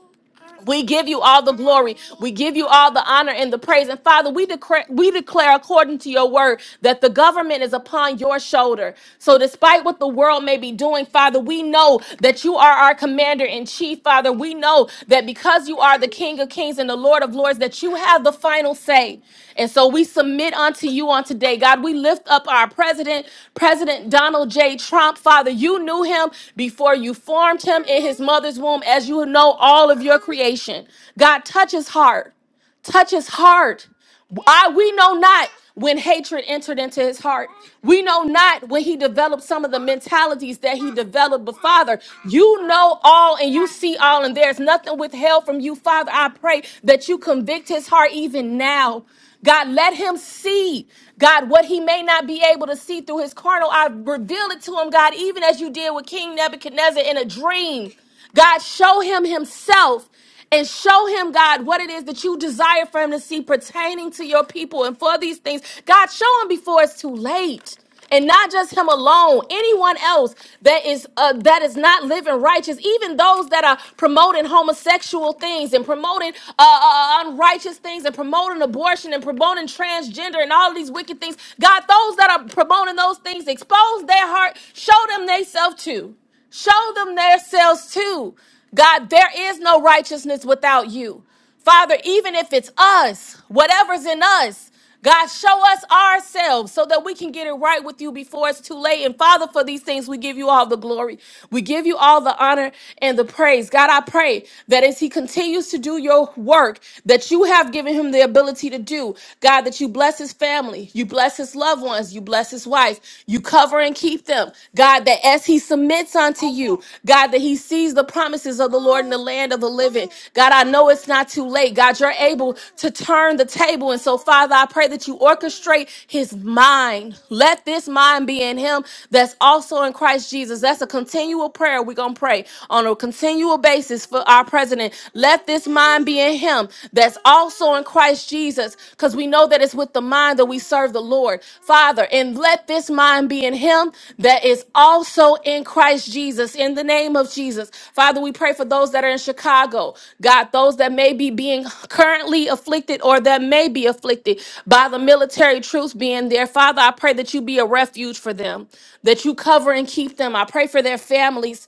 Speaker 1: we give you all the glory. We give you all the honor and the praise. And Father, we declare, we declare according to your word that the government is upon your shoulder. So despite what the world may be doing, Father, we know that you are our commander in chief, Father. We know that because you are the King of Kings and the Lord of Lords, that you have the final say. And so we submit unto you on today, God. We lift up our president, President Donald J. Trump. Father, you knew him before you formed him in his mother's womb, as you know all of your creation. God, touch his heart touch his heart. I we know not when hatred entered into his heart. We know not when he developed some of the mentalities that he developed. But Father, you know all and you see all, and there's nothing withheld from you, Father. I pray that you convict his heart even now. God, let him see, God, what he may not be able to see through his carnal. I reveal it to him, God, even as you did with King Nebuchadnezzar in a dream. God, show him himself and show him, God, what it is that you desire for him to see pertaining to your people and for these things. God, show him before it's too late. And not just him alone, anyone else that is uh, that is not living righteous, even those that are promoting homosexual things and promoting uh, uh, uh, unrighteous things and promoting abortion and promoting transgender and all these wicked things. God, those that are promoting those things, expose their heart, show them themselves too. Show them themselves too. God, there is no righteousness without you. Father, even if it's us, whatever's in us, God, show us ourselves so that we can get it right with you before it's too late. And Father, for these things, we give you all the glory. We give you all the honor and the praise. God, I pray that as He continues to do your work that you have given Him the ability to do, God, that you bless His family, you bless His his loved ones. You bless his wife. You cover and keep them. God, that as he submits unto you, God, that he sees the promises of the Lord in the land of the living. God, I know it's not too late. God, you're able to turn the table. And so, Father, I pray that you orchestrate his mind. Let this mind be in him that's also in Christ Jesus. That's a continual prayer we're going to pray on a continual basis for our president. Let this mind be in him him that's also in Christ Jesus, because we know that it's with the mind that we serve the Lord. Father, and let this mind be in him that is also in Christ Jesus, in the name of Jesus. Father, we pray for those that are in Chicago, God, those that may be being currently afflicted or that may be afflicted by the military troops being there. Father, I pray that you be a refuge for them, that you cover and keep them. I pray for their families.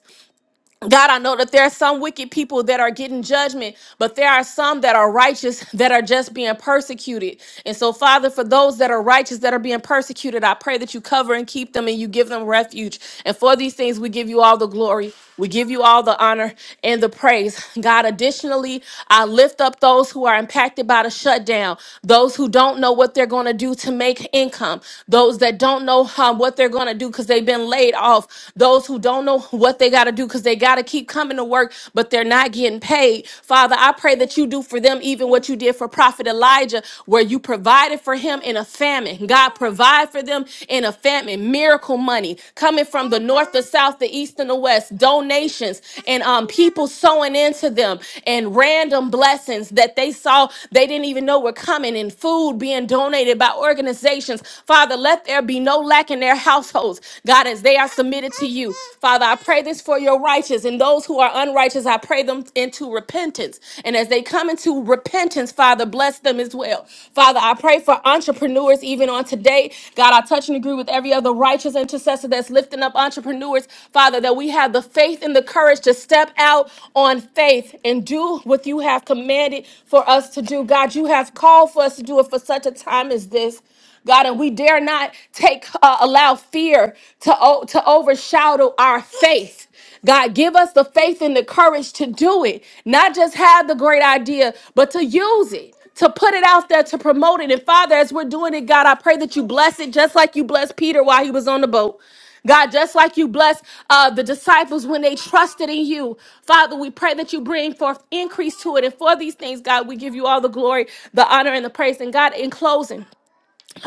Speaker 1: God, I know that there are some wicked people that are getting judgment, but there are some that are righteous that are just being persecuted. And so, Father, for those that are righteous that are being persecuted, I pray that you cover and keep them and you give them refuge. And for these things, we give you all the glory. We give you all the honor and the praise. God, additionally, I lift up those who are impacted by the shutdown, those who don't know what they're going to do to make income, those that don't know um, what they're going to do because they've been laid off, those who those who don't know what they got to do because they got to keep coming to work, but they're not getting paid. Father, I pray that you do for them even what you did for Prophet Elijah, where you provided for him in a famine. God, provide for them in a famine. Miracle money coming from the north, the south, the east, and the west. Donations and um, people sowing into them and random blessings that they saw they didn't even know were coming and food being donated by organizations. Father, let there be no lack in their households souls, God, as they are submitted to you. Father, I pray this for your righteous and those who are unrighteous, I pray them into repentance. And as they come into repentance, Father, bless them as well. Father, I pray for entrepreneurs even on today. God, I touch and agree with every other righteous intercessor that's lifting up entrepreneurs, Father, that we have the faith and the courage to step out on faith and do what you have commanded for us to do. God, you have called for us to do it for such a time as this. God, and we dare not take uh, allow fear to o- to overshadow our faith. God, give us the faith and the courage to do it. Not just have the great idea, but to use it, to put it out there, to promote it. And Father, as we're doing it, God, I pray that you bless it, just like you blessed Peter while he was on the boat. God, just like you blessed uh, the disciples when they trusted in you, Father, we pray that you bring forth increase to it. And for these things, God, we give you all the glory, the honor, and the praise. And God, in closing,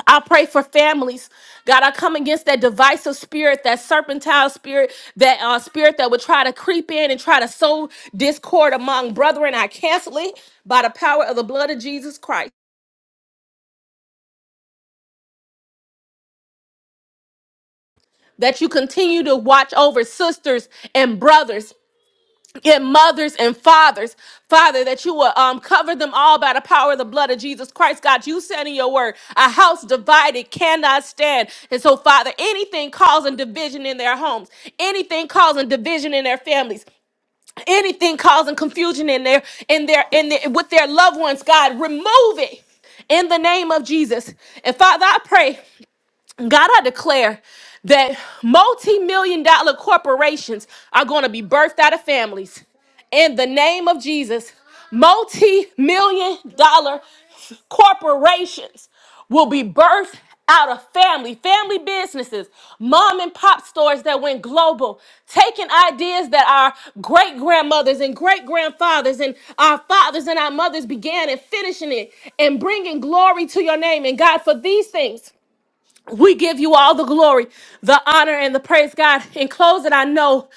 Speaker 1: I pray for families. God, I come against that divisive spirit, that serpentine spirit, that uh, spirit that would try to creep in and try to sow discord among brethren. I cancel it by the power of the blood of Jesus Christ. That you continue to watch over sisters and brothers and mothers and fathers, Father, that you will um, cover them all by the power of the blood of Jesus Christ. God, you said in your word, a house divided cannot stand. And so, Father, anything causing division in their homes, anything causing division in their families, anything causing confusion in their in their in their, with their loved ones, God, remove it in the name of Jesus. And Father, I pray. God, I declare that multi million dollar corporations are going to be birthed out of families. In the name of Jesus, multi million dollar corporations will be birthed out of family, family businesses, mom and pop stores that went global, taking ideas that our great grandmothers and great grandfathers and our fathers and our mothers began and finishing it and bringing glory to your name. And God, for these things, we give you all the glory, the honor, and the praise, God. In closing, I know,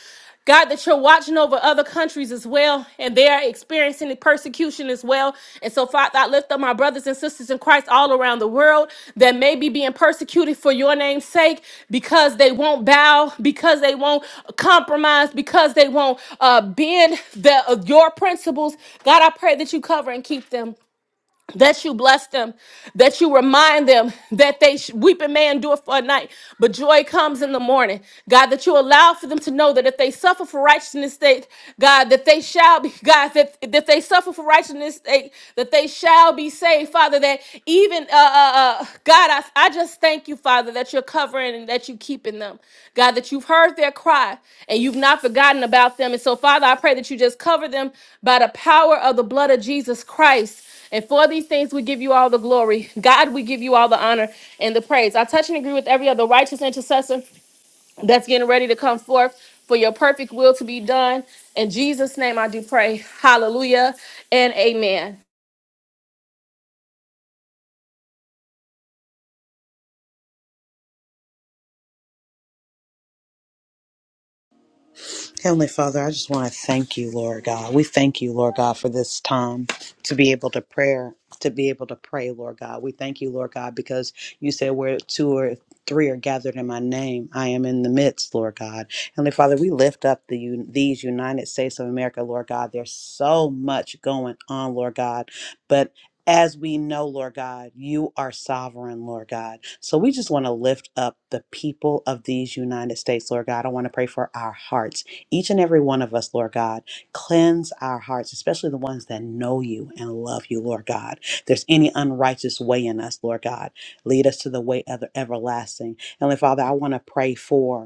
Speaker 1: God, that you're watching over other countries as well, and they are experiencing the persecution as well. And so, Father, I lift up my brothers and sisters in Christ all around the world that may be being persecuted for your name's sake because they won't bow, because they won't compromise, because they won't uh, bend the, your principles. God, I pray that you cover and keep them that you bless them, that you remind them that they sh- weeping may endure for a night, but joy comes in the morning. God, that you allow for them to know that if they suffer for righteousness' sake, God, that they shall be God, that if they suffer for righteousness' sake, that they shall be saved, Father. That even uh, uh, uh, God, I, I just thank you, Father, that you're covering and that you keeping them, God, that you've heard their cry and you've not forgotten about them. And so, Father, I pray that you just cover them by the power of the blood of Jesus Christ. And for these things, we give you all the glory. God, we give you all the honor and the praise. I touch and agree with every other righteous intercessor that's getting ready to come forth for your perfect will to be done. In Jesus' name, I do pray. Hallelujah and amen.
Speaker 2: Heavenly Father, I just want to thank you, Lord God. We thank you, Lord God, for this time to be able to prayer, to be able to pray, Lord God. We thank you, Lord God, because you said where two or three are gathered in my name, I am in the midst, Lord God. Heavenly Father, we lift up the un- these United States of America, Lord God. There's so much going on, Lord God, but as we know, Lord God, you are sovereign, Lord God. So we just want to lift up the people of these United States, Lord God. I want to pray for our hearts. Each and every one of us, Lord God, cleanse our hearts, especially the ones that know you and love you, Lord God. If there's any unrighteous way in us, Lord God, lead us to the way of the everlasting. Heavenly Father, I want to pray for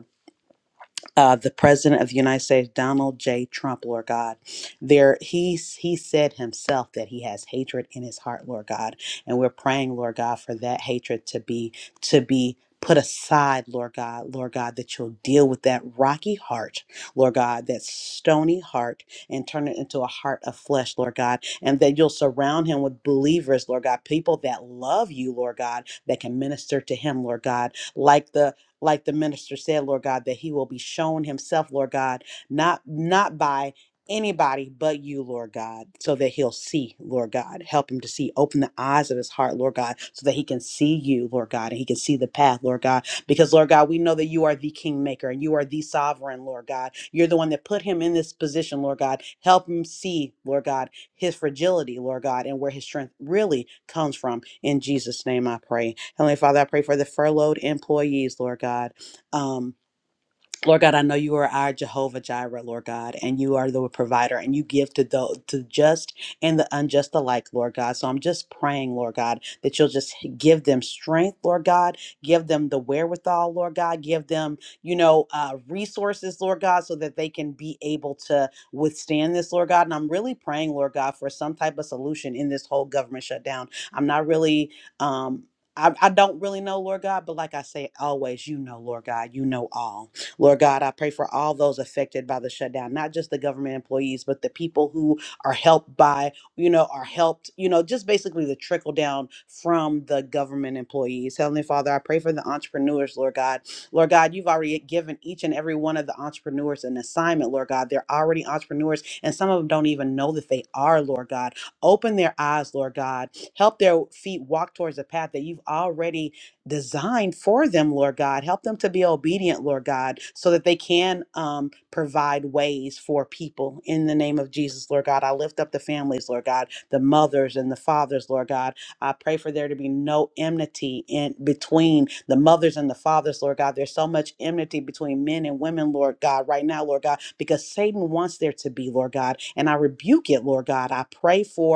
Speaker 2: uh, the president of the United States, Donald J. Trump, Lord God. There, he he said himself that he has hatred in his heart, Lord God, and we're praying, Lord God, for that hatred to be to be put aside, Lord God, Lord God, that you'll deal with that rocky heart, Lord God, that stony heart, and turn it into a heart of flesh, Lord God, and that you'll surround him with believers, Lord God, people that love you, Lord God, that can minister to him, Lord God, like the like the minister said, Lord God, that he will be shown himself, Lord God, not not by anybody but you, Lord God, so that he'll see, Lord God. Help him to see. Open the eyes of his heart, Lord God, so that he can see you, Lord God, and he can see the path, Lord God. Because, Lord God, we know that you are the kingmaker and you are the sovereign, Lord God. You're the one that put him in this position, Lord God. Help him see, Lord God his fragility, Lord God, and where his strength really comes from. In Jesus' name I pray. Heavenly Father, I pray for the furloughed employees, Lord God. Um, Lord God, I know you are our Jehovah Jireh, Lord God, and you are the provider, and you give to the to just and the unjust alike, Lord God. So I'm just praying, Lord God, that you'll just give them strength, Lord God, give them the wherewithal, Lord God, give them, you know, uh, resources, Lord God, so that they can be able to withstand this, Lord God. And I'm really praying, Lord God, for some type of solution in this whole government shutdown. I'm not really. Um, I, I don't really know, Lord God, but like I say always, you know, Lord God, you know all. Lord God, I pray for all those affected by the shutdown, not just the government employees, but the people who are helped by, you know, are helped, you know, just basically the trickle down from the government employees. Heavenly Father, I pray for the entrepreneurs, Lord God. Lord God, you've already given each and every one of the entrepreneurs an assignment, Lord God. They're already entrepreneurs, and some of them don't even know that they are, Lord God. Open their eyes, Lord God. Help their feet walk towards the path that you've already designed for them, Lord God. Help them to be obedient, Lord God, so that they can um, provide ways for people in the name of Jesus, Lord God. I lift up the families, Lord God, the mothers and the fathers, Lord God. I pray for there to be no enmity in between the mothers and the fathers, Lord God. There's so much enmity between men and women, Lord God, right now, Lord God, because Satan wants there to be, Lord God. And I rebuke it, Lord God. I pray for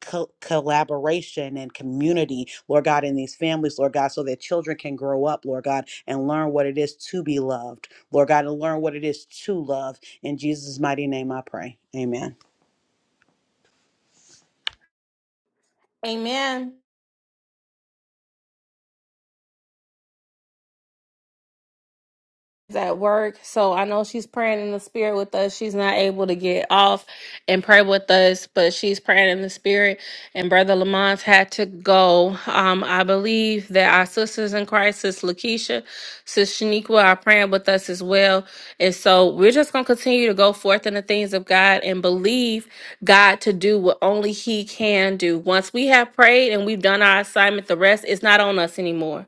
Speaker 2: co- collaboration and community, Lord God, in these families, Lord God, so that children can grow up, Lord God, and learn what it is to be loved, Lord God, and learn what it is to love. In Jesus' mighty name, I pray. Amen.
Speaker 1: Amen. at work, so I know she's praying in the spirit with us. She's not able to get off and pray with us, but she's praying in the spirit. And Brother Lamont's had to go. Um, I believe that our sisters in Christ, Sis Lakeisha, Sis Shaniqua, are praying with us as well. And so we're just gonna continue to go forth in the things of God and believe God to do what only He can do. Once we have prayed and we've done our assignment, the rest is not on us anymore.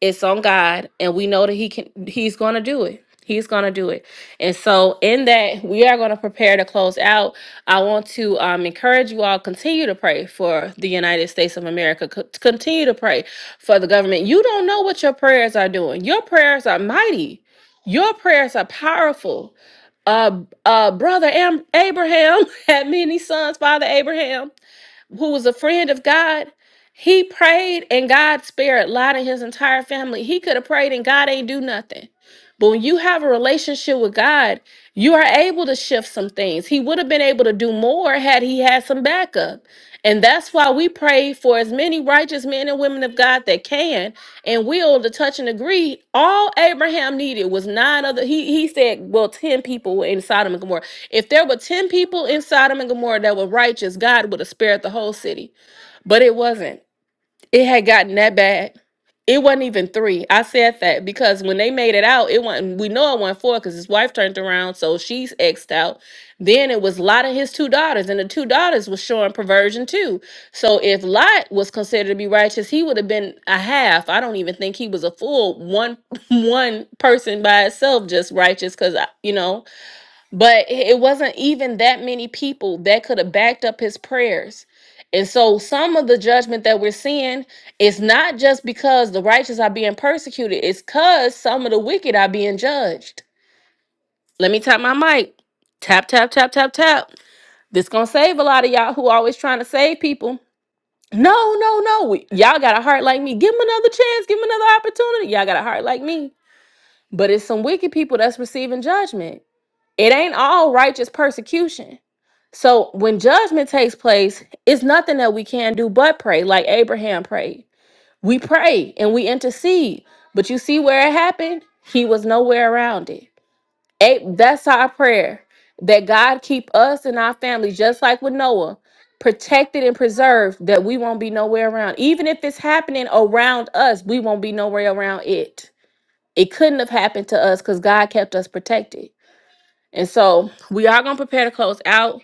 Speaker 1: It's on God, and we know that He can. He's going to do it. He's going to do it. And so, in that, we are going to prepare to close out. I want to um, encourage you all continue to pray for the United States of America. Co- continue to pray for the government. You don't know what your prayers are doing. Your prayers are mighty. Your prayers are powerful uh, uh, brother Am- Abraham had many sons, Father Abraham who was a friend of God, he prayed and God spared Lot and his entire family. He could have prayed and God ain't do nothing. But when you have a relationship with God, you are able to shift some things. He would have been able to do more had he had some backup. And that's why we pray for as many righteous men and women of God that can and will to touch and agree. All Abraham needed was nine other. He he said, well, ten people were in Sodom and Gomorrah. If there were 10 people in Sodom and Gomorrah that were righteous, God would have spared the whole city. But it wasn't. It had gotten that bad. It wasn't even three. I said that because when they made it out, it wasn't, we know it wasn't four because his wife turned around, so she's exed out. Then it was Lot and his two daughters, and the two daughters was showing perversion too. So if Lot was considered to be righteous, he would have been a half. I don't even think he was a full one one person by itself, just righteous, because you know but it wasn't even that many people that could have backed up his prayers. And so some of the judgment that we're seeing is not just because the righteous are being persecuted, it's because some of the wicked are being judged. Let me tap my mic. Tap, tap, tap, tap, tap. This gonna save a lot of y'all who always trying to save people. No, no, no. Y'all got a heart like me. Give them another chance. Give them another opportunity. Y'all got a heart like me. But it's some wicked people that's receiving judgment. It ain't all righteous persecution. So when judgment takes place, it's nothing that we can do but pray, like Abraham prayed. We pray and we intercede. But you see where it happened? He was nowhere around it. A- That's our prayer that God keep us and our families, just like with Noah, protected and preserved, that we won't be nowhere around. Even if it's happening around us, we won't be nowhere around it. It couldn't have happened to us because God kept us protected. And so we are going to prepare to close out.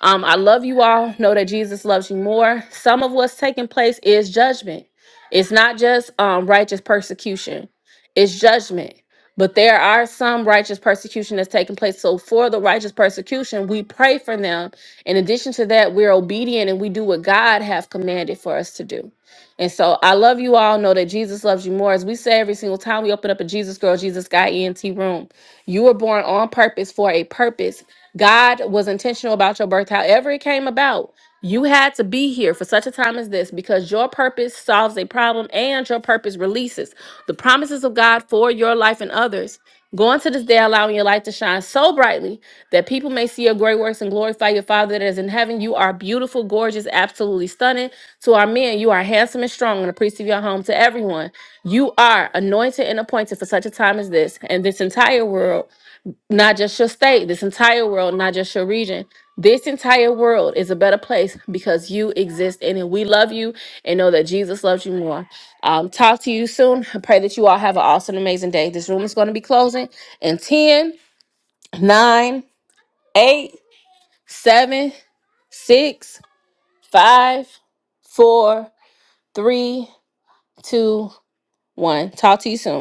Speaker 1: Um, I love you all. Know that Jesus loves you more. Some of what's taking place is judgment. It's not just um, righteous persecution, it's judgment. But there are some righteous persecution that's taking place. So, for the righteous persecution, we pray for them. In addition to that, we're obedient and we do what God have commanded for us to do. And so, I love you all. Know that Jesus loves you more. As we say every single time we open up a Jesus Girl, Jesus Guy ENT room, you were born on purpose for a purpose. God was intentional about your birth, however, it came about. You had to be here for such a time as this because your purpose solves a problem and your purpose releases the promises of God for your life and others. Go into this day, allowing your light to shine so brightly that people may see your great works and glorify your Father that is in heaven. You are beautiful, gorgeous, absolutely stunning. To our men, you are handsome and strong and the priest of your home. To everyone, you are anointed and appointed for such a time as this, and this entire world, not just your state, this entire world, not just your region, this entire world is a better place because you exist in it. We love you and know that Jesus loves you more. Um, talk to you soon. I pray that you all have an awesome, amazing day. This room is going to be closing in ten, nine, eight, seven, six, five, four, three, two, one. Talk to you soon.